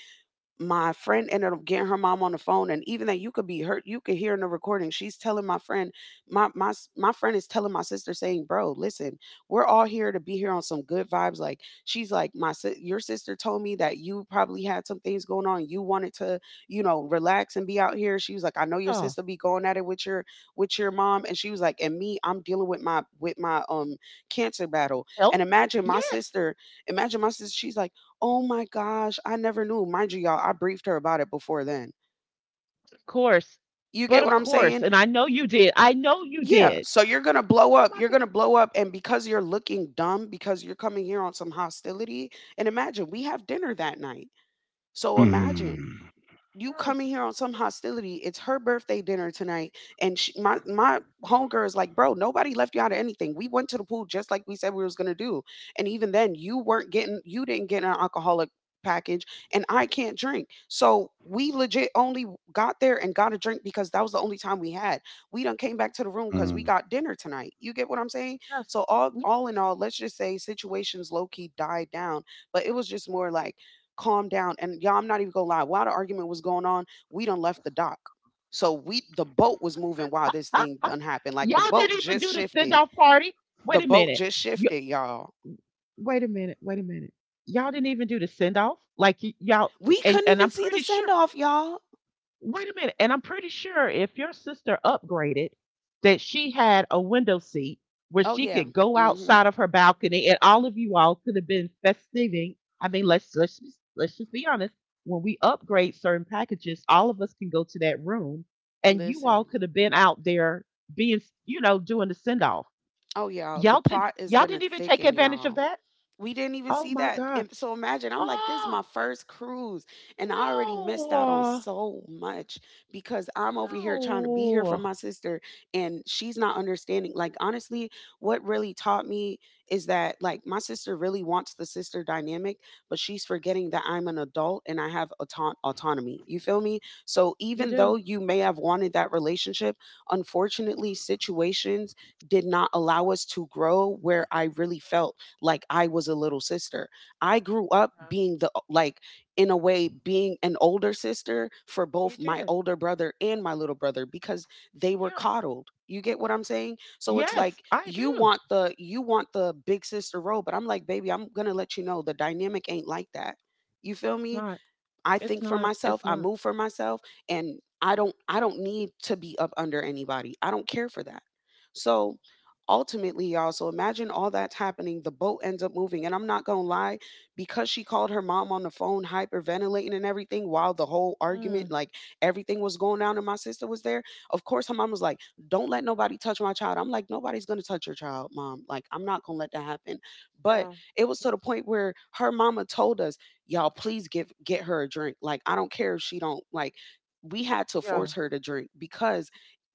Speaker 3: my friend ended up getting her mom on the phone, and even that you could be hurt, you could hear in the recording she's telling my friend, my friend is telling my sister saying, bro, listen, we're all here to be here on some good vibes. Like she's like, your sister told me that you probably had some things going on, you wanted to, you know, relax and be out here. She was like, I know your
Speaker 2: Oh.
Speaker 3: sister be going at it with your mom. And she was like, and me, I'm dealing with my with my cancer battle.
Speaker 2: Health?
Speaker 3: And imagine my
Speaker 2: Yes,
Speaker 3: sister, imagine my sister, she's like, oh my gosh, I never knew. Mind you, y'all, I briefed her about it before then.
Speaker 2: of course.
Speaker 3: You
Speaker 2: But
Speaker 3: get what
Speaker 2: of
Speaker 3: I'm
Speaker 2: course.
Speaker 3: saying?
Speaker 2: And I know you did. I know you
Speaker 3: Yeah.
Speaker 2: did.
Speaker 3: So you're going to blow
Speaker 2: Oh
Speaker 3: up.
Speaker 2: my
Speaker 3: You're
Speaker 2: God.
Speaker 3: going to blow up. And because you're looking dumb, because you're coming here on some hostility, and imagine we have dinner that night. So imagine
Speaker 1: Mm.
Speaker 3: you coming
Speaker 2: Yes.
Speaker 3: here on some hostility. It's her birthday dinner tonight, and she, my homegirl is like, bro, nobody left you out of anything. We went to the pool just like we said we was gonna do, and even then, you weren't getting, you didn't get an alcoholic package, and I can't drink. So we legit only got there and got a drink because that was the only time we had. We done came back to the room because
Speaker 1: Mm.
Speaker 3: we got dinner tonight. You get what I'm saying?
Speaker 2: Yes.
Speaker 3: So all
Speaker 2: Yes.
Speaker 3: all in all, let's just say situations low key died down, but it was just more like calm down. And y'all, I'm not even gonna lie. While the argument was going on, we done left the dock. So we the boat was moving while this thing done happened. Like the
Speaker 2: Y'all
Speaker 3: boat
Speaker 2: didn't even
Speaker 3: just
Speaker 2: do the send
Speaker 3: shifted.
Speaker 2: off party.
Speaker 3: The
Speaker 2: Wait a
Speaker 3: boat
Speaker 2: minute.
Speaker 3: just
Speaker 2: You,
Speaker 3: shifted, y'all.
Speaker 2: wait a minute. Wait a minute. Y'all didn't even do the send off. Like y- y'all,
Speaker 3: We couldn't
Speaker 2: and
Speaker 3: even
Speaker 2: I'm
Speaker 3: see the
Speaker 2: pretty
Speaker 3: send
Speaker 2: sure.
Speaker 3: off, y'all.
Speaker 2: Wait a minute. And I'm pretty sure if your sister upgraded, that she had a window seat where
Speaker 3: Oh
Speaker 2: she
Speaker 3: yeah.
Speaker 2: could go
Speaker 3: Mm-hmm.
Speaker 2: outside of her balcony, and all of you all could have been festiving. I mean, let's just be honest. When we upgrade certain packages, all of us can go to that room, and you all
Speaker 3: Listen.
Speaker 2: could have been out there being, you know, doing the send off.
Speaker 3: Oh y'all, the
Speaker 2: Y'all
Speaker 3: plot is gonna
Speaker 2: didn't even take
Speaker 3: thicken,
Speaker 2: advantage of
Speaker 3: y'all.
Speaker 2: that?
Speaker 3: We didn't even
Speaker 2: Oh
Speaker 3: see
Speaker 2: my
Speaker 3: that.
Speaker 2: God.
Speaker 3: And so imagine, I'm like, this is
Speaker 2: Oh
Speaker 3: my first cruise, and I already
Speaker 2: no.
Speaker 3: missed out on so much because I'm over here trying to be here for
Speaker 2: No.
Speaker 3: my sister, and she's not understanding. Like, honestly, what really taught me is that, like, my sister really wants the sister dynamic, but she's forgetting that I'm an adult and I have autonomy. You feel me? So,
Speaker 2: You
Speaker 3: even though
Speaker 2: do.
Speaker 3: you may have wanted that relationship, unfortunately, situations did not allow us to grow where I really felt like I was a little sister. I grew up
Speaker 2: Yeah.
Speaker 3: being the, like, in a way, being an older sister for
Speaker 2: You
Speaker 3: both my
Speaker 2: did.
Speaker 3: older brother and my little brother because they were
Speaker 2: Yeah.
Speaker 3: coddled. You get what I'm saying? So it's
Speaker 2: Yes,
Speaker 3: like
Speaker 2: I do.
Speaker 3: you want the big sister role, but I'm like, baby, I'm gonna let you know the dynamic ain't like that. You feel
Speaker 2: It's
Speaker 3: me?
Speaker 2: not.
Speaker 3: I
Speaker 2: It's
Speaker 3: think for
Speaker 2: not.
Speaker 3: myself,
Speaker 2: It's
Speaker 3: I
Speaker 2: not.
Speaker 3: move for myself and I don't need to be up under anybody. I don't care for that. So ultimately, y'all, so imagine all that's happening, the boat ends up moving, and I'm not gonna lie, because she called her mom on the phone hyperventilating and everything while the whole argument,
Speaker 2: Mm,
Speaker 3: like, everything was going down and my sister was there. Of course, her mom was like, don't let nobody touch my child. I'm like, nobody's gonna touch your child, mom, like I'm not gonna let that happen. But
Speaker 2: yeah.
Speaker 3: it was to the
Speaker 2: Mm,
Speaker 3: point where her mama told us, y'all please give get her a drink, like I don't care if she don't like, we had to
Speaker 2: yeah.
Speaker 3: force her to drink because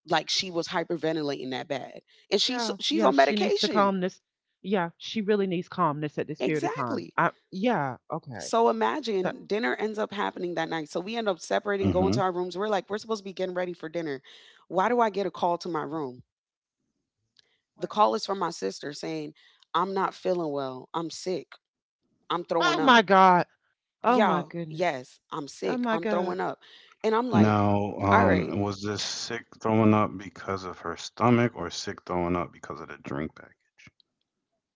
Speaker 3: like she was hyperventilating that bad. And she's so,
Speaker 2: Yeah.
Speaker 3: she's
Speaker 2: Yeah.
Speaker 3: on
Speaker 2: She needs to
Speaker 3: medication.
Speaker 2: calm. Yeah, she really needs calmness at this period of time.
Speaker 3: Exactly.
Speaker 2: I. Yeah, okay.
Speaker 3: So
Speaker 2: That,
Speaker 3: imagine
Speaker 2: oh,
Speaker 3: dinner ends up happening that night, so we end up separating going
Speaker 1: Hmm.
Speaker 3: to our rooms. We're like, we're supposed to be getting ready for dinner. Why do I get a call to my room? The
Speaker 2: what?
Speaker 3: call is from my sister saying, I'm not feeling well, I'm sick, I'm throwing
Speaker 2: Oh my
Speaker 3: up.
Speaker 2: God. Oh my
Speaker 3: Y'all,
Speaker 2: goodness.
Speaker 3: yes, I'm
Speaker 2: Oh
Speaker 3: sick,
Speaker 2: my
Speaker 3: I'm
Speaker 2: God.
Speaker 3: throwing up. And I'm like,
Speaker 1: Now,
Speaker 3: all right,
Speaker 1: was this sick throwing up because of her stomach or sick throwing up because of the drink package?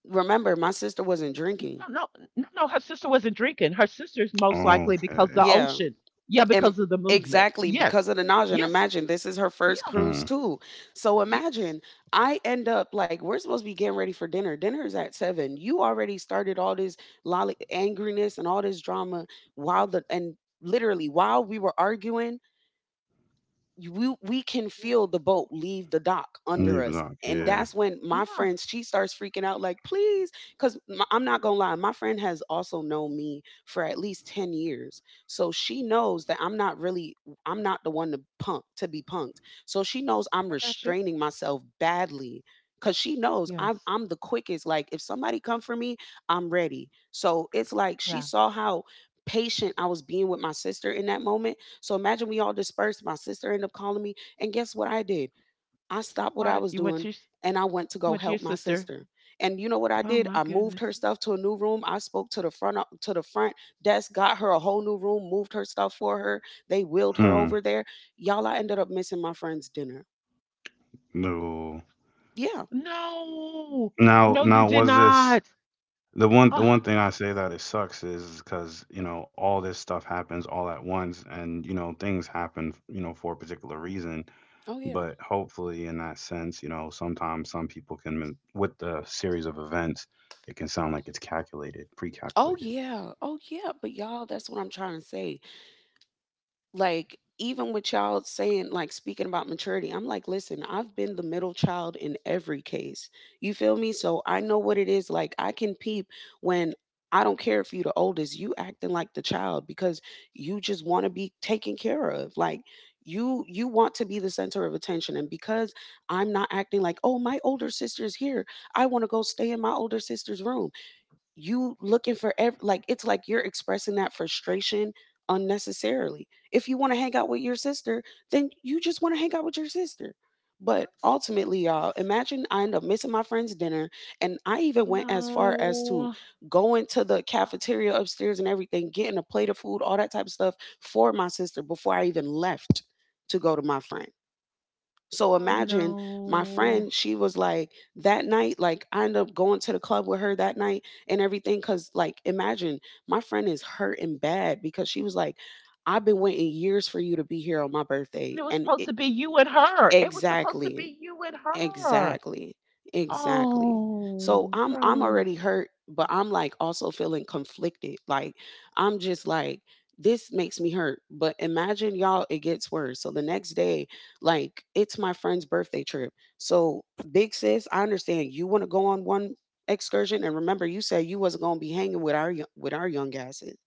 Speaker 3: remember my sister wasn't drinking.
Speaker 2: No, no, no, no. Her sister wasn't drinking. Her sister's most likely because
Speaker 1: Okay.
Speaker 2: the
Speaker 3: Yeah.
Speaker 2: ocean. Yeah,
Speaker 3: And
Speaker 2: because of the movement.
Speaker 3: exactly, because
Speaker 2: Yes,
Speaker 3: of the nausea. And
Speaker 2: yes,
Speaker 3: imagine this is her
Speaker 2: yeah,
Speaker 3: first
Speaker 1: Mm.
Speaker 3: cruise too. So
Speaker 2: yes.
Speaker 3: imagine I end up like, we're supposed to be getting ready for dinner. Dinner is at seven. You already started all this lolly angriness and all this drama
Speaker 2: Yeah,
Speaker 3: while the, and literally while we were arguing, we can
Speaker 2: yeah,
Speaker 3: feel the boat leave the dock under
Speaker 1: Leave it
Speaker 3: us.
Speaker 1: on.
Speaker 3: And
Speaker 2: yeah.
Speaker 1: Yeah.
Speaker 3: that's when my
Speaker 2: Yeah.
Speaker 3: friend, she starts freaking out, like please, because I'm not gonna lie, my friend has also known me for at least 10 years, so she knows that I'm not really, I'm not the one to punk to be punked. So she knows I'm
Speaker 2: I got you.
Speaker 3: restraining myself badly because she knows
Speaker 2: Yes,
Speaker 3: I'm the quickest, like if somebody come for me, I'm ready. So it's like she
Speaker 2: yeah.
Speaker 3: saw how patient I was being with my sister in that moment. So imagine we all dispersed. My sister ended up calling me. And guess what I did? I stopped what I
Speaker 2: What
Speaker 3: was
Speaker 2: you went to?
Speaker 3: doing
Speaker 2: your s-
Speaker 3: and I went to go
Speaker 2: Went to your
Speaker 3: help my
Speaker 2: sister?
Speaker 3: sister. And you know what I
Speaker 2: Oh
Speaker 3: did?
Speaker 2: my
Speaker 3: I moved her
Speaker 2: goodness.
Speaker 3: stuff to a new room. I spoke to the front to the front desk, got her a whole new room, moved her stuff for her. They wheeled her
Speaker 1: Hmm.
Speaker 3: over there. Y'all, I ended up missing my friend's dinner.
Speaker 1: No.
Speaker 3: Yeah.
Speaker 2: No,
Speaker 1: Now,
Speaker 2: no, you
Speaker 1: now
Speaker 2: did
Speaker 1: was this.
Speaker 2: not.
Speaker 1: The one
Speaker 2: Oh,
Speaker 1: thing I say that it sucks is because all this stuff happens all at once and, things happen, for a particular reason.
Speaker 3: Oh yeah.
Speaker 1: But hopefully in that sense, sometimes some people can with the series of events, it can sound like it's calculated,
Speaker 3: Oh
Speaker 1: pre-calculated.
Speaker 3: yeah. Oh yeah. But y'all, that's what I'm trying to say. Like even with y'all saying, like speaking about maturity, I'm like listen, I've been the middle child in every case. You feel me? So I know what it is, like I can peep when, I don't care if you the oldest, you acting like the child because you just want to be taken care of. Like you want to be the center of attention. And because I'm not acting like, oh my older sister's here, I want to go stay in my older sister's room, you looking for like it's like you're expressing that frustration unnecessarily. If you want to hang out with your sister, then you just want to hang out with your sister. But
Speaker 2: yes,
Speaker 3: ultimately, y'all,
Speaker 2: yes.
Speaker 3: imagine I end up missing my friend's dinner, and I even went as far as to
Speaker 2: No.
Speaker 3: going to the cafeteria upstairs and everything, getting a plate of food, all that type of stuff for my sister before I even left to go to my friend. So
Speaker 2: Oh
Speaker 3: imagine my
Speaker 2: no.
Speaker 3: friend, she was like, that night, like I ended up going to the club with her that night and everything. Cause like, imagine my friend is hurting bad because she was like, I've been waiting years for you to be here on my
Speaker 2: And
Speaker 3: birthday.
Speaker 2: it was
Speaker 3: And
Speaker 2: supposed
Speaker 3: it,
Speaker 2: to be you and her. It was supposed to
Speaker 3: exactly.
Speaker 2: be you and her.
Speaker 3: Exactly. Exactly. So
Speaker 2: Oh,
Speaker 3: I'm already
Speaker 2: Rose.
Speaker 3: hurt, but I'm like also feeling conflicted. Like I'm just like this makes me hurt, but imagine y'all, it gets worse. So the next day, like it's my friend's birthday trip. So big sis, I understand you want to go on one excursion, and remember you said you wasn't going to be hanging with with our young asses,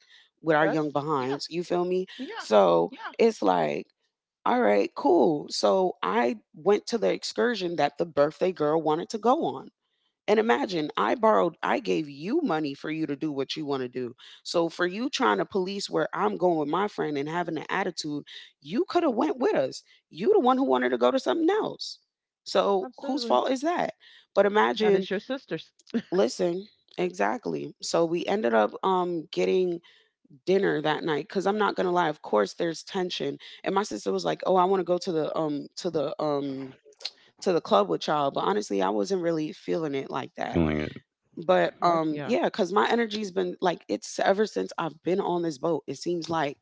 Speaker 3: with our young
Speaker 2: Yes.
Speaker 3: behinds.
Speaker 2: Yes.
Speaker 3: You feel me?
Speaker 2: Yeah.
Speaker 3: So
Speaker 2: Yeah.
Speaker 3: it's like all right, cool. So I went to the excursion that the birthday girl wanted to go on. And imagine, I gave you money for you to do what you want to do. So for you trying to police where I'm going with my friend and having an attitude, you could have went with us. You the one who wanted to go to something else. So whose
Speaker 2: Absolutely.
Speaker 3: fault is that? But
Speaker 2: That
Speaker 3: imagine,
Speaker 2: is your sister's.
Speaker 3: listen, exactly. So we ended up getting dinner that night, because I'm not gonna lie, of course there's tension. And my sister was like, oh I want to go to the to the club with y'all, but honestly I wasn't really feeling it like that.
Speaker 1: Feeling it.
Speaker 3: But
Speaker 2: Okay, yeah.
Speaker 3: yeah, because my energy's been like, it's ever since I've been on this boat, it seems like,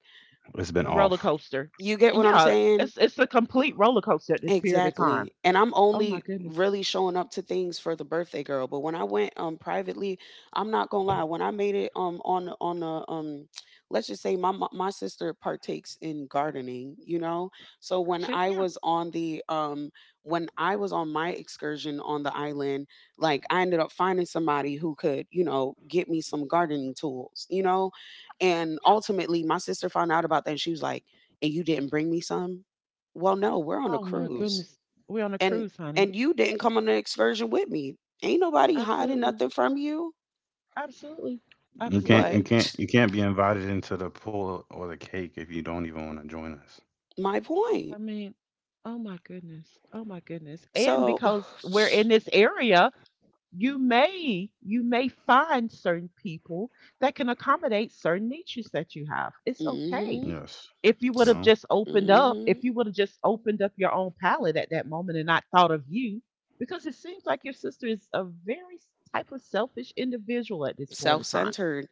Speaker 1: It's been
Speaker 2: The roller
Speaker 1: off.
Speaker 2: coaster.
Speaker 3: you get what I'm
Speaker 2: Yeah.
Speaker 3: saying?
Speaker 2: It's a complete roller coaster at this period of time.
Speaker 3: Exactly. And I'm
Speaker 2: Oh my
Speaker 3: only
Speaker 2: goodness.
Speaker 3: really showing up to things for the birthday girl. But when I went privately, I'm not gonna lie, when I made it on the let's just say my sister partakes in gardening, you know? So when
Speaker 2: Shit.
Speaker 3: I
Speaker 2: Yeah.
Speaker 3: was on the when I was on my excursion on the island, like I ended up finding somebody who could, you know, get me some gardening
Speaker 2: Yes,
Speaker 3: tools, you know? And
Speaker 2: yeah.
Speaker 3: ultimately my sister found out about that and she was like, and you didn't bring me some? Well, no, we're on a
Speaker 2: Oh my
Speaker 3: cruise.
Speaker 2: goodness. We're on a
Speaker 3: And
Speaker 2: cruise, honey.
Speaker 3: and you didn't come on an excursion with me. Ain't nobody hiding
Speaker 2: Absolutely.
Speaker 3: nothing from you,
Speaker 2: Absolutely.
Speaker 1: You can't you
Speaker 3: but
Speaker 2: Absolutely.
Speaker 1: can't you can't be invited into the pool or the cake if you don't even want to join us.
Speaker 3: my point.
Speaker 2: I mean, oh my goodness. Oh my goodness. And
Speaker 3: So
Speaker 2: because we're in this area, you may find certain people that can accommodate certain niches that you have. It's
Speaker 3: mm
Speaker 2: okay.
Speaker 3: mhm.
Speaker 1: Yes.
Speaker 2: If you
Speaker 1: You
Speaker 2: would have
Speaker 1: know?
Speaker 2: just
Speaker 3: mm
Speaker 2: opened up, if
Speaker 3: Mhm.
Speaker 2: you would have just opened up your own palate at that moment and not thought of you, because it seems like your sister is a very s- type of selfish individual at this point in time.
Speaker 3: Self-centered.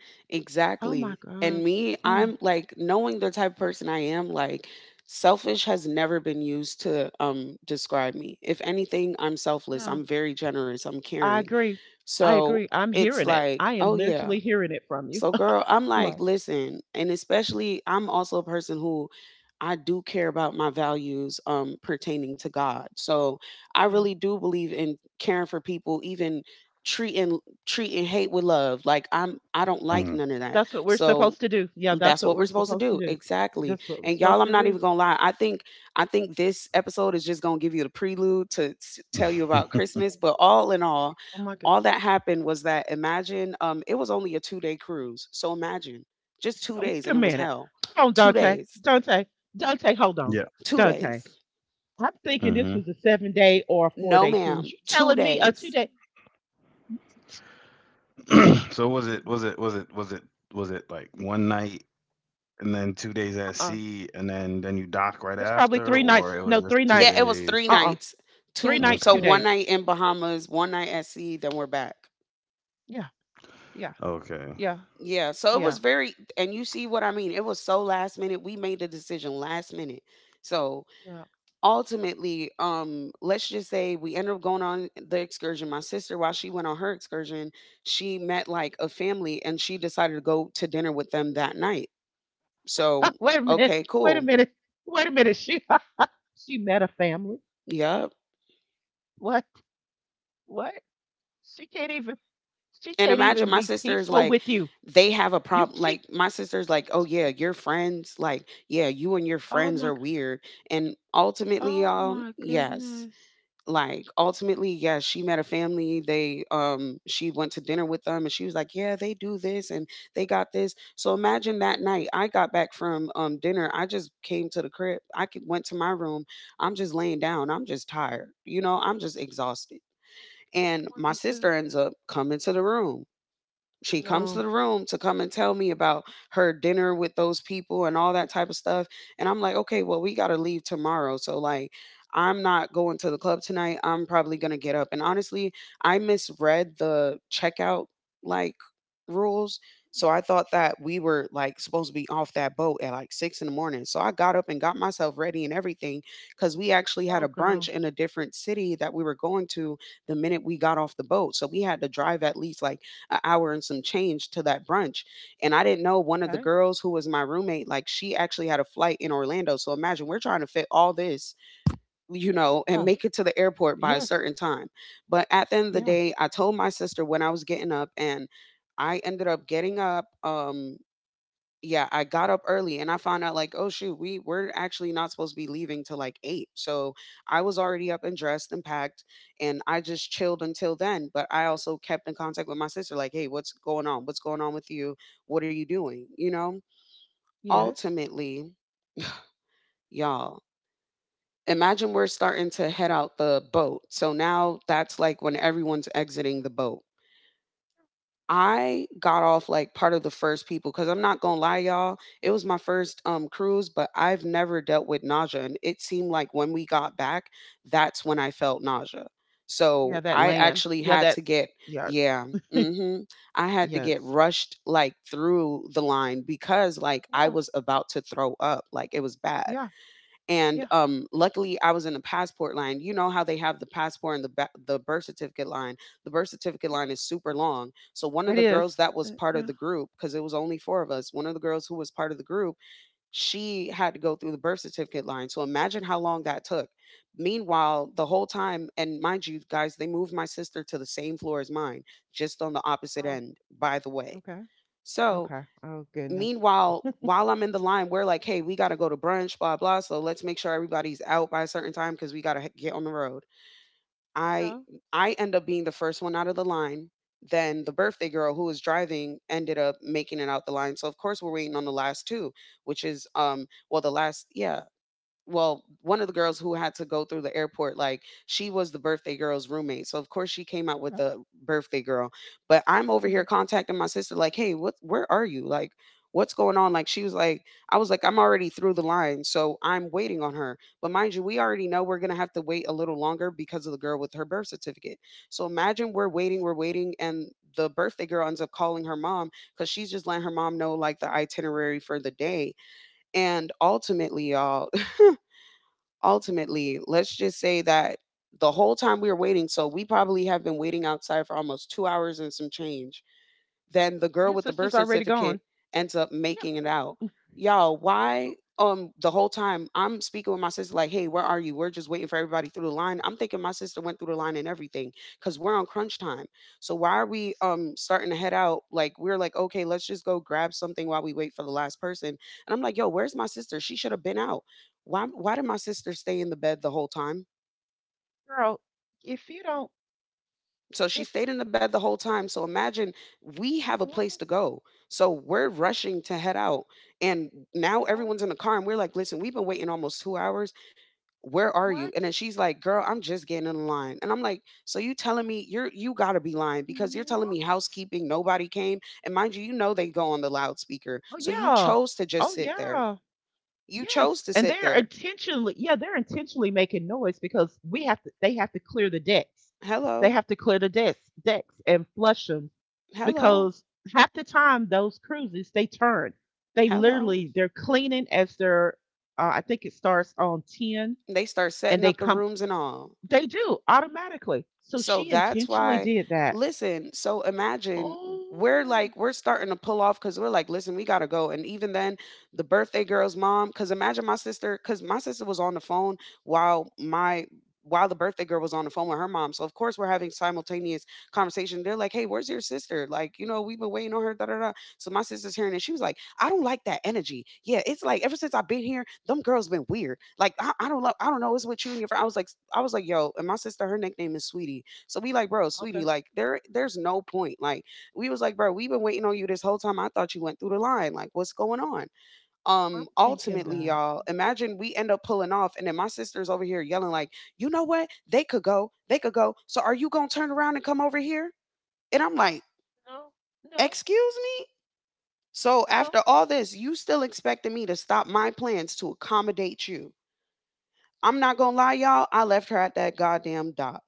Speaker 2: Oh my
Speaker 3: Exactly. And
Speaker 2: God.
Speaker 3: me,
Speaker 2: Mm,
Speaker 3: I'm like knowing the type of person I am, like selfish has never been used to describe me. If anything, I'm selfless.
Speaker 2: yeah,
Speaker 3: I'm very generous. I'm
Speaker 2: I
Speaker 3: caring.
Speaker 2: agree. I
Speaker 3: So
Speaker 2: agree. I'm
Speaker 3: it's
Speaker 2: hearing it.
Speaker 3: like,
Speaker 2: I
Speaker 3: oh
Speaker 2: am
Speaker 3: yeah,
Speaker 2: literally hearing it from you.
Speaker 3: so, girl, I'm like,
Speaker 2: Right.
Speaker 3: listen, and especially I'm also a person who, I do care about my values pertaining to God. So I
Speaker 2: Yeah.
Speaker 3: really do believe in caring for people, even treating treating hate with love. Like I don't
Speaker 2: Yeah.
Speaker 3: like
Speaker 1: Mm.
Speaker 3: none of that.
Speaker 2: That's what we're
Speaker 3: So
Speaker 2: supposed to do. Yeah, that's
Speaker 3: that's
Speaker 2: what
Speaker 3: what we're
Speaker 2: we're
Speaker 3: supposed to
Speaker 2: supposed to
Speaker 3: do,
Speaker 2: do.
Speaker 3: exactly.
Speaker 2: That's what we're
Speaker 3: And y'all,
Speaker 2: supposed
Speaker 3: I'm
Speaker 2: to
Speaker 3: not
Speaker 2: do.
Speaker 3: even gonna lie, I think this episode is just gonna give you the prelude to tell you about Christmas. But all in all,
Speaker 2: Oh my God.
Speaker 3: all that happened was that, imagine, it was only a 2 day cruise. So imagine, just two
Speaker 2: Oh,
Speaker 3: days
Speaker 2: wait
Speaker 3: and
Speaker 2: a
Speaker 3: it was
Speaker 2: minute.
Speaker 3: hell.
Speaker 2: Hold
Speaker 3: two
Speaker 2: on, Dante.
Speaker 3: days
Speaker 2: Dante. Dante, hold on.
Speaker 1: Yeah.
Speaker 3: two
Speaker 2: Dante.
Speaker 3: days
Speaker 2: I'm thinking this
Speaker 1: Hmm.
Speaker 2: was a 7 day or a four
Speaker 3: No
Speaker 2: day cruise.
Speaker 3: ma'am,
Speaker 2: You
Speaker 3: two
Speaker 2: telling me a two
Speaker 3: days
Speaker 2: day
Speaker 1: So was it
Speaker 2: uh
Speaker 1: was it was it was it was it like one night and then 2 days at
Speaker 2: uh
Speaker 1: sea and then you dock right
Speaker 2: There's probably
Speaker 1: after,
Speaker 2: three nights.
Speaker 1: or it was
Speaker 2: No,
Speaker 1: just
Speaker 2: three
Speaker 1: two
Speaker 3: Yeah,
Speaker 2: nights.
Speaker 3: it was
Speaker 1: days?
Speaker 3: three
Speaker 2: Uh uh
Speaker 3: nights
Speaker 2: Three
Speaker 3: Two
Speaker 2: nights,
Speaker 3: so
Speaker 1: Okay.
Speaker 2: two
Speaker 3: one
Speaker 2: days.
Speaker 3: night in bahamas 1 night at sea, then we're back.
Speaker 2: Yeah, yeah,
Speaker 1: Okay.
Speaker 2: yeah,
Speaker 3: Yeah, so it was
Speaker 2: yeah,
Speaker 3: very, and you see what I mean, it was so last minute. We made the decision last minute. So,
Speaker 2: yeah.
Speaker 3: ultimately, let's just say we ended up going on the excursion. My sister, while she went on her excursion, she met like a family and she decided to go to dinner with them that night. So,
Speaker 2: Wait a minute.
Speaker 3: okay,
Speaker 2: Wait a
Speaker 3: cool.
Speaker 2: minute. Wait a minute. She she met a family.
Speaker 3: Yep.
Speaker 2: What? What? She can't even, she
Speaker 3: And
Speaker 2: can't
Speaker 3: imagine
Speaker 2: even
Speaker 3: my
Speaker 2: be
Speaker 3: sister is
Speaker 2: peaceful
Speaker 3: like,
Speaker 2: with you.
Speaker 3: they have a
Speaker 2: You
Speaker 3: problem,
Speaker 2: she,
Speaker 3: like my sister's like, "Oh yeah,
Speaker 2: she-
Speaker 3: your friends like yeah, you and your
Speaker 2: oh
Speaker 3: friends
Speaker 2: my
Speaker 3: are
Speaker 2: g-
Speaker 3: weird." And ultimately,
Speaker 2: oh
Speaker 3: y'all,
Speaker 2: my
Speaker 3: yes.
Speaker 2: goodness.
Speaker 3: Like, ultimately, yeah, she met a family, they, she went to dinner with them, and she was like, "Yeah, they do this, and they got this." So imagine that night, I got back from, dinner, I just came to the crib, I c went to my room, I'm just laying down, I'm just tired, you know, I'm just exhausted, and
Speaker 2: I would
Speaker 3: my
Speaker 2: be
Speaker 3: sister
Speaker 2: too.
Speaker 3: ends up coming to the room, she comes to
Speaker 2: No.
Speaker 3: the room to come and tell me about her dinner with those people and all that type of stuff. And I'm like, okay, well, we got to leave tomorrow. So, like, I'm not going to the club tonight. I'm probably going to get up. And honestly, I misread the checkout like rules. So I thought that we were like supposed to be off that boat at like six in the morning. So I got up and got myself ready and everything because we actually had
Speaker 2: Oh
Speaker 3: a brunch
Speaker 2: girl.
Speaker 3: in a different city that we were going to the minute we got off the boat. So we had to drive at least like a hour and some change to that brunch. And I didn't know one of the
Speaker 2: Okay.
Speaker 3: girls who was my roommate, like she actually had a flight in Orlando. So imagine we're trying to fit all this, you know, and
Speaker 2: Oh.
Speaker 3: make it to the airport by a
Speaker 2: Yes.
Speaker 3: certain time. But at the end of the
Speaker 2: Yeah.
Speaker 3: day, I told my sister when I was getting up and I ended up getting up. Yeah, I got up early and I found out like, oh shoot, we're actually not supposed to be leaving till like eight. So I was already up and dressed and packed, and I just chilled until then. But I also kept in contact with my sister, like, hey, what's going on? What's going on with you? What are you doing? You know.
Speaker 2: Yes.
Speaker 3: Ultimately, y'all, imagine we're starting to head out the boat. So now that's like when everyone's exiting the boat. I got off like part of the first people because I'm not gonna lie, y'all. It was my first cruise, but I've never dealt with nausea, and it seemed like when we got back, that's when I felt nausea.
Speaker 2: Yeah,
Speaker 3: So
Speaker 2: that
Speaker 3: I
Speaker 2: land.
Speaker 3: actually
Speaker 2: Yeah,
Speaker 3: had
Speaker 2: that
Speaker 3: to get
Speaker 2: yes.
Speaker 3: yeah, mm-hmm. I had to get
Speaker 2: Yes.
Speaker 3: rushed like through the line because like I
Speaker 2: Yeah.
Speaker 3: was about to throw up, like it was bad
Speaker 2: Yeah.
Speaker 3: and
Speaker 2: Yeah.
Speaker 3: luckily I was in the passport line. You know how they have the passport and the the birth certificate line. The birth certificate
Speaker 2: Yeah.
Speaker 3: line is super long. So one of
Speaker 2: It
Speaker 3: the girls
Speaker 2: is.
Speaker 3: that was part of
Speaker 2: Yeah.
Speaker 3: the group because it was only four of us. One of the girls who was part of the group, she had to go through the birth certificate line. So imagine how long that took. Meanwhile, the whole time and mind you guys, they moved my sister to the same floor as mine, just on the opposite
Speaker 2: Oh,
Speaker 3: end, by the way.
Speaker 2: okay.
Speaker 3: So,
Speaker 2: Okay. Oh goodness.
Speaker 3: meanwhile, while I'm in the line, we're like, hey, we got to go to brunch, blah, blah. So let's make sure everybody's out by a certain time because we got to get on the road. I
Speaker 2: Yeah.
Speaker 3: I end up being the first one out of the line. Then the birthday girl who was driving ended up making it out the line. So of course we're waiting on the last two, which is well the last yeah well, one of the girls who had to go through the airport, like she was the birthday girl's roommate. So of course she came out with
Speaker 2: Okay.
Speaker 3: the birthday girl. But I'm over
Speaker 2: Yeah.
Speaker 3: here contacting my sister, like, hey, what where are you? Like, what's going on? Like she was like, I was like, I'm already through the line, so I'm waiting on her. But mind you, we already know we're gonna have to wait a little longer because of the girl with her birth certificate. So imagine we're waiting, and the birthday girl ends up calling her mom because she's just letting her mom know like the itinerary for the day. And ultimately, y'all, ultimately, let's just say that the whole time we were waiting, so we probably have been waiting outside for almost 2 hours and some change then the girl
Speaker 2: Your
Speaker 3: with the birth
Speaker 2: sister's already
Speaker 3: certificate
Speaker 2: gone.
Speaker 3: ends up
Speaker 2: Yeah.
Speaker 3: making it out. Y'all, why the whole time I'm speaking with my sister, like, hey, where are you? We're just waiting for everybody through the line. I'm thinking my sister went through the line and everything because we're on crunch time. So why are we starting to head out? Like we're like, okay, let's just go grab something while we wait for the last person. And I'm like, yo, where's my sister? She should have been out. Why did my sister stay in the bed the whole time?
Speaker 2: Girl, if you don't,
Speaker 3: So she
Speaker 2: if
Speaker 3: stayed in the bed the whole time. So imagine we have a place
Speaker 2: what?
Speaker 3: to go. So we're rushing to head out. And now
Speaker 2: What?
Speaker 3: everyone's in the car and we're like, listen, we've been waiting almost 2 hours. Where are you? And
Speaker 2: What?
Speaker 3: then she's like, girl, I'm just getting in line. And I'm like, so you telling me you gotta be lying because you're telling me
Speaker 2: What?
Speaker 3: housekeeping, nobody came. And mind you, you know they go on the loudspeaker.
Speaker 2: Oh
Speaker 3: So you
Speaker 2: yeah.
Speaker 3: chose to just
Speaker 2: Oh
Speaker 3: sit there.
Speaker 2: yeah.
Speaker 3: You
Speaker 2: Yes.
Speaker 3: chose to
Speaker 2: And
Speaker 3: sit
Speaker 2: they're
Speaker 3: there.
Speaker 2: intentionally, yeah, they're intentionally making noise because we have to, they have to clear the decks. They
Speaker 3: Hello,
Speaker 2: have to clear the decks decks and flush them
Speaker 3: hello,
Speaker 2: because half the time those cruises they turn. They
Speaker 3: hello.
Speaker 2: literally they're cleaning as they're I think it starts on 10
Speaker 3: They start
Speaker 2: and
Speaker 3: setting
Speaker 2: they
Speaker 3: up the
Speaker 2: come,
Speaker 3: rooms and all.
Speaker 2: they do automatically. So
Speaker 3: So
Speaker 2: she
Speaker 3: that's
Speaker 2: intentionally
Speaker 3: why,
Speaker 2: did that.
Speaker 3: listen, so imagine we're
Speaker 2: Oh.
Speaker 3: like, we're starting to pull off because we're like, listen, we got to go. And even then, the birthday girl's mom, because imagine my sister, because my sister was on the phone while my while the birthday girl was on the phone with her mom. So of course we're having simultaneous conversation. They're like, "Hey, where's your sister? Like, you know, we've been waiting on her." Da da da. So my sister's hearing it. She was like, "I don't like that energy. Yeah, it's like ever since I've been here, them girls been weird. Like, I don't love. I don't know. It's with you and your friend." I was like, "Yo," and my sister, her nickname is Sweetie. So we like, bro,
Speaker 2: Okay.
Speaker 3: sweetie, like there's no point. Like we was like, bro, we've been waiting on you this whole time. I thought you went through the line. Like, what's going on?
Speaker 2: I'm thinking
Speaker 3: Ultimately,
Speaker 2: that.
Speaker 3: y'all, imagine we end up pulling off, and then my sister's over here yelling, like, you know what? They could go, they could go. So are you gonna turn around and come over here? And I'm like,
Speaker 2: No. No.
Speaker 3: excuse me? So after
Speaker 2: No,
Speaker 3: all this, you still expecting me to stop my plans to accommodate you. I'm not gonna lie, y'all, I left her at that goddamn dock.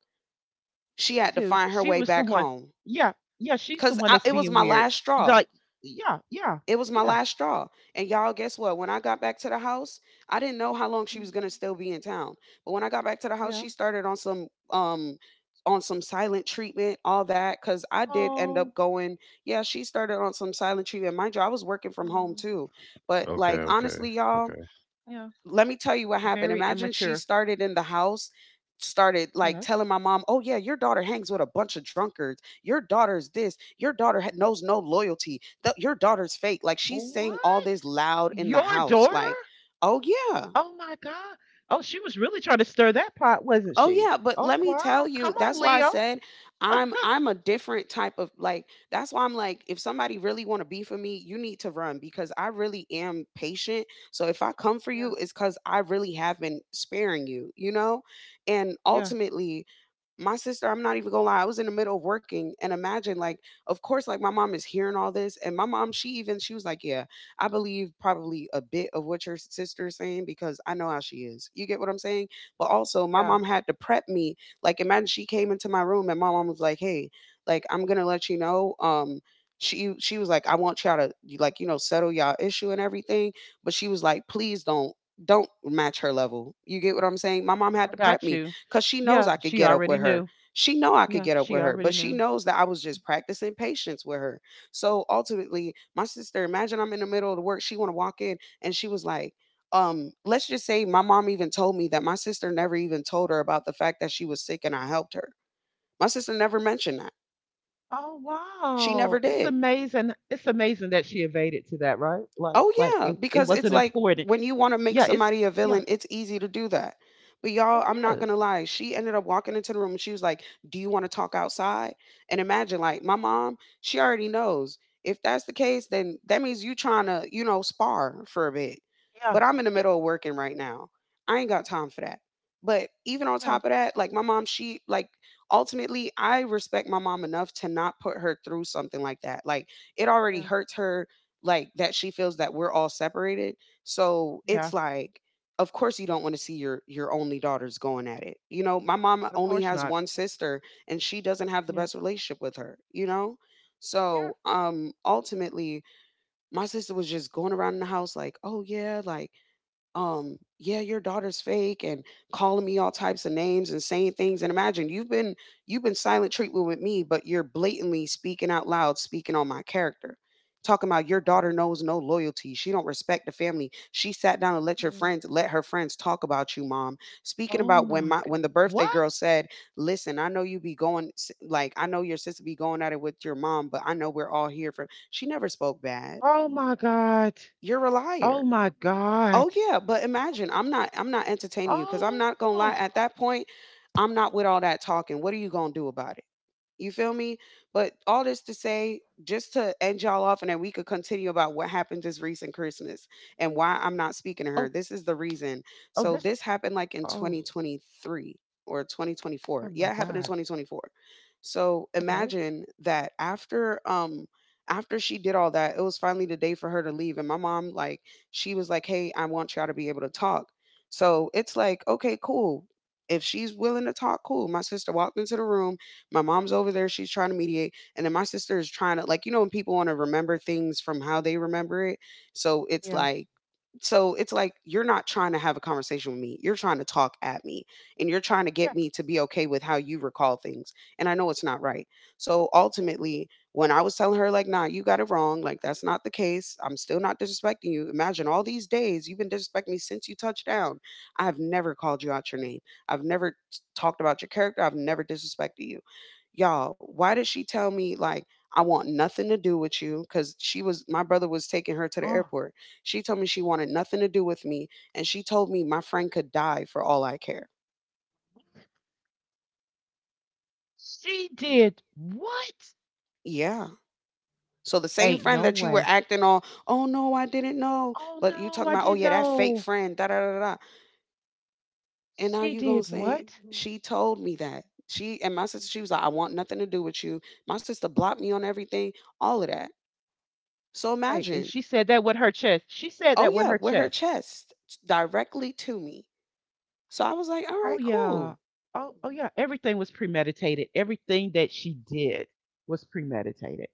Speaker 3: She had to
Speaker 2: too.
Speaker 3: find her
Speaker 2: She
Speaker 3: way
Speaker 2: was the
Speaker 3: back
Speaker 2: one.
Speaker 3: home.
Speaker 2: Yeah, yeah, she's the
Speaker 3: Cause
Speaker 2: one that's
Speaker 3: it was
Speaker 2: being
Speaker 3: my
Speaker 2: weird.
Speaker 3: last straw.
Speaker 2: Like, yeah, yeah,
Speaker 3: It was my
Speaker 2: yeah,
Speaker 3: last straw. And y'all, guess what? When I got back to the house, I didn't know how long she was gonna
Speaker 2: mm,
Speaker 3: still be in town. But when I got back to the house,
Speaker 2: yeah.
Speaker 3: she started on some silent treatment, all that. Cause I did end
Speaker 2: Oh,
Speaker 3: up going. Yeah, she started on some silent treatment. Mind you, I was working from home
Speaker 2: um,
Speaker 3: too. But
Speaker 1: Okay.
Speaker 3: like
Speaker 2: yeah,
Speaker 1: Okay.
Speaker 3: honestly, y'all,
Speaker 1: Okay.
Speaker 2: yeah.
Speaker 3: let me tell you what happened.
Speaker 2: Very
Speaker 3: Imagine she
Speaker 2: immature.
Speaker 3: started in the house, started like
Speaker 2: Yes.
Speaker 3: telling my mom, "Oh yeah, your daughter hangs with a bunch of drunkards. Your daughter's this. Your daughter knows no loyalty. Your daughter's fake." Like she's saying all this
Speaker 2: What?
Speaker 3: loud in the
Speaker 2: Your
Speaker 3: house,
Speaker 2: daughter?
Speaker 3: like, "Oh yeah,
Speaker 2: Oh my God. Oh, she was really trying to stir that pot, wasn't
Speaker 3: Oh
Speaker 2: she?
Speaker 3: yeah, but let
Speaker 2: Oh
Speaker 3: me tell
Speaker 2: wow. Come
Speaker 3: you,
Speaker 2: on,
Speaker 3: that's why I
Speaker 2: Leo.
Speaker 3: said I'm
Speaker 2: Ah,
Speaker 3: I'm a different type of like that's why I'm like if somebody really want to be for me, you need to run because I really am patient. So if I come for
Speaker 2: yeah,
Speaker 3: you it's cuz I really have been sparing you, you know? And
Speaker 2: yeah,
Speaker 3: ultimately, my sister, I'm not even gonna lie, I was in the middle of working and imagine like, of course, like my mom is hearing all this. And my mom, she even she was like, Yeah, I believe probably a bit of what your sister is saying because I know how she is. You get what I'm saying? But also, my
Speaker 2: yeah.
Speaker 3: mom had to prep me. Like, imagine she came into my room and my mom was like, "Hey, like I'm gonna let you know." She was like, "I want y'all to like you know settle y'all issue and everything," but she was like, "Please don't." Don't match her level. You get what I'm saying? My mom had
Speaker 2: I
Speaker 3: to prep
Speaker 2: got
Speaker 3: me
Speaker 2: you.
Speaker 3: because she knows
Speaker 2: Yeah,
Speaker 3: I could
Speaker 2: she
Speaker 3: get up
Speaker 2: already
Speaker 3: with her.
Speaker 2: knew.
Speaker 3: She know I could
Speaker 2: Yeah,
Speaker 3: get up with
Speaker 2: she
Speaker 3: her,
Speaker 2: already
Speaker 3: but she
Speaker 2: knew.
Speaker 3: knows that I was just practicing patience with her. So ultimately, my sister, imagine I'm in the middle of the work. She want to walk in and she was like, let's just say my mom even told me that my sister never even told her about the fact that she was sick and I helped her. My sister never mentioned that.
Speaker 2: Oh
Speaker 3: She
Speaker 2: wow.
Speaker 3: never
Speaker 2: It's
Speaker 3: did.
Speaker 2: amazing. It's amazing that she evaded to that, right?
Speaker 3: Oh
Speaker 2: Like
Speaker 3: yeah,
Speaker 2: it, it
Speaker 3: because it's
Speaker 2: wasn't
Speaker 3: like
Speaker 2: important.
Speaker 3: when you want to make
Speaker 2: Yeah, it's
Speaker 3: somebody a
Speaker 2: yeah,
Speaker 3: villain, it's easy to do that. But y'all,
Speaker 2: it
Speaker 3: I'm not gonna
Speaker 2: is.
Speaker 3: lie. She ended up walking into the room and she was like, "Do you want to talk outside?" And imagine, like, my mom, she already knows. If that's the case, then that means you trying to, you know, spar for a bit.
Speaker 2: Yeah.
Speaker 3: But I'm in the
Speaker 2: Yeah.
Speaker 3: middle of working right now. I ain't got time for that. But even on
Speaker 2: No.
Speaker 3: top of that, like my mom, she like ultimately, I respect my mom enough to not put her through something like that. Like it already
Speaker 2: Yeah.
Speaker 3: hurts her like that she feels that we're all separated. So
Speaker 2: Yeah.
Speaker 3: it's like, of course you don't want to see your only daughters going at it. You know, my mom
Speaker 2: But of
Speaker 3: only
Speaker 2: course
Speaker 3: has
Speaker 2: not.
Speaker 3: one sister and she doesn't have the
Speaker 2: Yeah.
Speaker 3: best relationship with her, you know?
Speaker 2: Yeah.
Speaker 3: So ultimately my sister was just going around in the house like, oh yeah, like yeah, your daughter's fake and calling me all types of names and saying things. And imagine you've been silent treatment with me, but you're blatantly speaking out loud, speaking on my character, talking about your
Speaker 2: Yeah.
Speaker 3: daughter knows no loyalty, she don't respect the family, she sat down and let your
Speaker 2: Yeah.
Speaker 3: friends, let her friends talk about you, mom. Speaking
Speaker 2: Oh
Speaker 3: about when
Speaker 2: my
Speaker 3: my,
Speaker 2: God.
Speaker 3: when the birthday
Speaker 2: What?
Speaker 3: girl said, listen, I know you be going like I know your sister be going at it with your mom, but I know we're all here for, she never spoke bad.
Speaker 2: Oh my God.
Speaker 3: You're a
Speaker 2: Oh
Speaker 3: liar.
Speaker 2: my
Speaker 3: Oh
Speaker 2: God.
Speaker 3: yeah, but imagine I'm not entertaining you because I'm not
Speaker 2: Oh.
Speaker 3: gonna lie.
Speaker 2: Oh.
Speaker 3: At that point, I'm not with all that talking. What are you gonna do about it? You feel me? But all this to say, just to end y'all off, and then we could continue about what happened this recent Christmas and why I'm not speaking to her. This is the reason.
Speaker 2: Oh
Speaker 3: So
Speaker 2: this,
Speaker 3: this happened like in
Speaker 2: oh.
Speaker 3: 2023 or
Speaker 2: Oh
Speaker 3: 2024. Yeah,
Speaker 2: my
Speaker 3: it happened in
Speaker 2: God.
Speaker 3: 2024. So
Speaker 2: Okay.
Speaker 3: imagine that after after she did all that, it was finally the day for her to leave. And my mom, like, she was like, "Hey, I want y'all to be able to talk." So it's like, okay, cool. If she's willing to talk, cool. My sister walked into the room, my mom's over there, she's trying to mediate, and then my sister is trying to, like, you know, when people want to remember things from how they remember it. So it's
Speaker 2: Yeah.
Speaker 3: like, you're not trying to have a conversation with me. You're trying to talk at me and you're trying to get
Speaker 2: Yeah.
Speaker 3: me to be okay with how you recall things. And I know it's not right. So ultimately, when I was telling her, like, nah, you got it wrong, like, that's not the case. I'm still not disrespecting you. Imagine all these days you've been disrespecting me since you touched down. I have never called you out your name. I've never talked about your character. I've never disrespected you. Y'all, why did she tell me, like, I want nothing to do with you? Because she was, my brother was taking her to the
Speaker 2: Oh.
Speaker 3: airport, she told me she wanted nothing to do with me, and she told me my friend could die for all I care.
Speaker 2: She did what?
Speaker 3: Yeah. So the same
Speaker 2: Ain't
Speaker 3: friend
Speaker 2: no
Speaker 3: that you were
Speaker 2: way.
Speaker 3: acting on, oh no, I didn't know,
Speaker 2: Oh,
Speaker 3: but you
Speaker 2: no,
Speaker 3: talking
Speaker 2: I
Speaker 3: about, oh
Speaker 2: didn't
Speaker 3: yeah, that fake
Speaker 2: know.
Speaker 3: friend, da da da da, and now
Speaker 2: She
Speaker 3: you gonna
Speaker 2: did
Speaker 3: say
Speaker 2: what?
Speaker 3: she told me that she, and my sister, she was like, I want nothing to do with you. My sister blocked me on everything, all of that. So
Speaker 2: Wait, and
Speaker 3: imagine,
Speaker 2: she said that with her chest. She said
Speaker 3: oh
Speaker 2: that with
Speaker 3: yeah,
Speaker 2: her
Speaker 3: with her
Speaker 2: chest.
Speaker 3: chest directly to me. So I was like, all
Speaker 2: Oh
Speaker 3: right,
Speaker 2: yeah.
Speaker 3: cool.
Speaker 2: Oh, oh yeah. Everything was premeditated. Everything that she did was premeditated.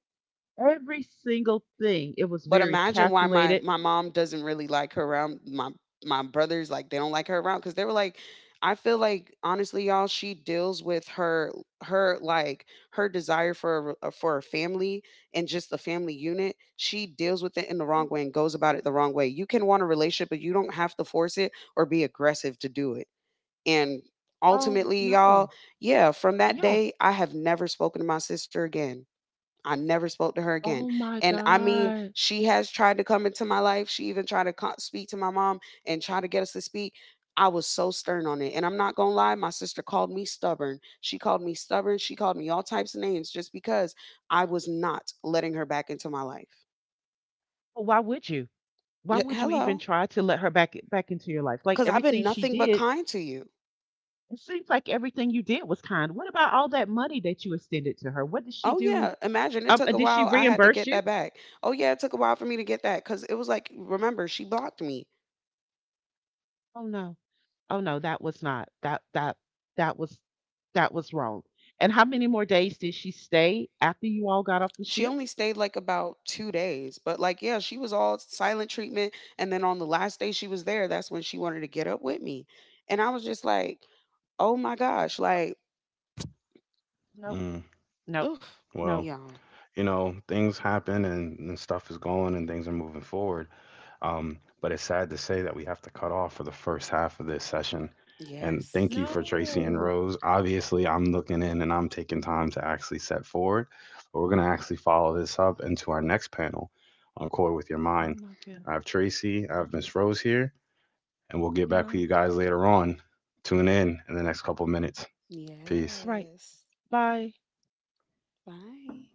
Speaker 2: Every single thing. It was
Speaker 3: But
Speaker 2: very
Speaker 3: imagine why my
Speaker 2: calculated.
Speaker 3: mom doesn't really like her around my my brothers, like they don't like her around, cuz they were like, I feel like honestly y'all, she deals with her, her like her desire for a family and just the family unit. She deals with it in the wrong way and goes about it the wrong way. You can want a relationship but you don't have to force it or be aggressive to do it. And
Speaker 2: Oh
Speaker 3: ultimately y'all,
Speaker 2: no.
Speaker 3: yeah, from that
Speaker 2: Yeah.
Speaker 3: day I have never spoken to my sister again. I never spoke to her again.
Speaker 2: Oh my
Speaker 3: And I mean,
Speaker 2: God.
Speaker 3: she has tried to come into my life. She even tried to speak to my mom and try to get us to speak. I was so stern on it. And I'm not going to lie, my sister called me stubborn. She called me stubborn. She called me all types of names just because I was not letting her back into my life.
Speaker 2: Well, why would you? Why would you even
Speaker 3: Hello.
Speaker 2: try to let her back into your life? Like
Speaker 3: Because I've
Speaker 2: everything
Speaker 3: been
Speaker 2: she
Speaker 3: nothing but
Speaker 2: did,
Speaker 3: kind to you.
Speaker 2: it seems like everything you did was kind. What about all that money that you extended to her? What did she
Speaker 3: Oh,
Speaker 2: do?
Speaker 3: yeah. Imagine it took a
Speaker 2: Did she
Speaker 3: while. I had to
Speaker 2: reimburse
Speaker 3: get
Speaker 2: you?
Speaker 3: that back. Oh, yeah. It took a while for me to get that because it was like, remember, she blocked me.
Speaker 2: Oh no, oh no, that was not that. That that was that was wrong. And how many more days did she stay after you all got off the
Speaker 3: She
Speaker 2: ship?
Speaker 3: only stayed, like, about 2 days, but, like, yeah, she was all silent treatment, and then on the last day she was there, that's when she wanted to get up with me, and I was just like, "Oh my gosh,"
Speaker 2: Nope,
Speaker 3: like,
Speaker 2: nope,
Speaker 1: Mm,
Speaker 2: nope,
Speaker 3: oof,
Speaker 2: nope.
Speaker 1: well,
Speaker 3: y'all.
Speaker 1: things happen and, stuff is going and things are moving forward. But it's sad to say that we have to cut off for the first half of this session. And thank you
Speaker 3: Yes.
Speaker 1: for Tracy and
Speaker 2: No.
Speaker 1: Rose. Obviously, I'm looking in and I'm taking time to actually set forward, but we're going to actually follow this up into our next panel on Core with Your
Speaker 2: Oh
Speaker 1: Mind.
Speaker 2: my goodness.
Speaker 1: I have Tracy, I
Speaker 2: Uh,
Speaker 1: have Miss Rose here, and we'll get back
Speaker 2: Yeah.
Speaker 1: with you guys later on. Tune in the next couple minutes. Peace.
Speaker 2: Right.
Speaker 3: Yes.
Speaker 2: Bye.
Speaker 3: Bye.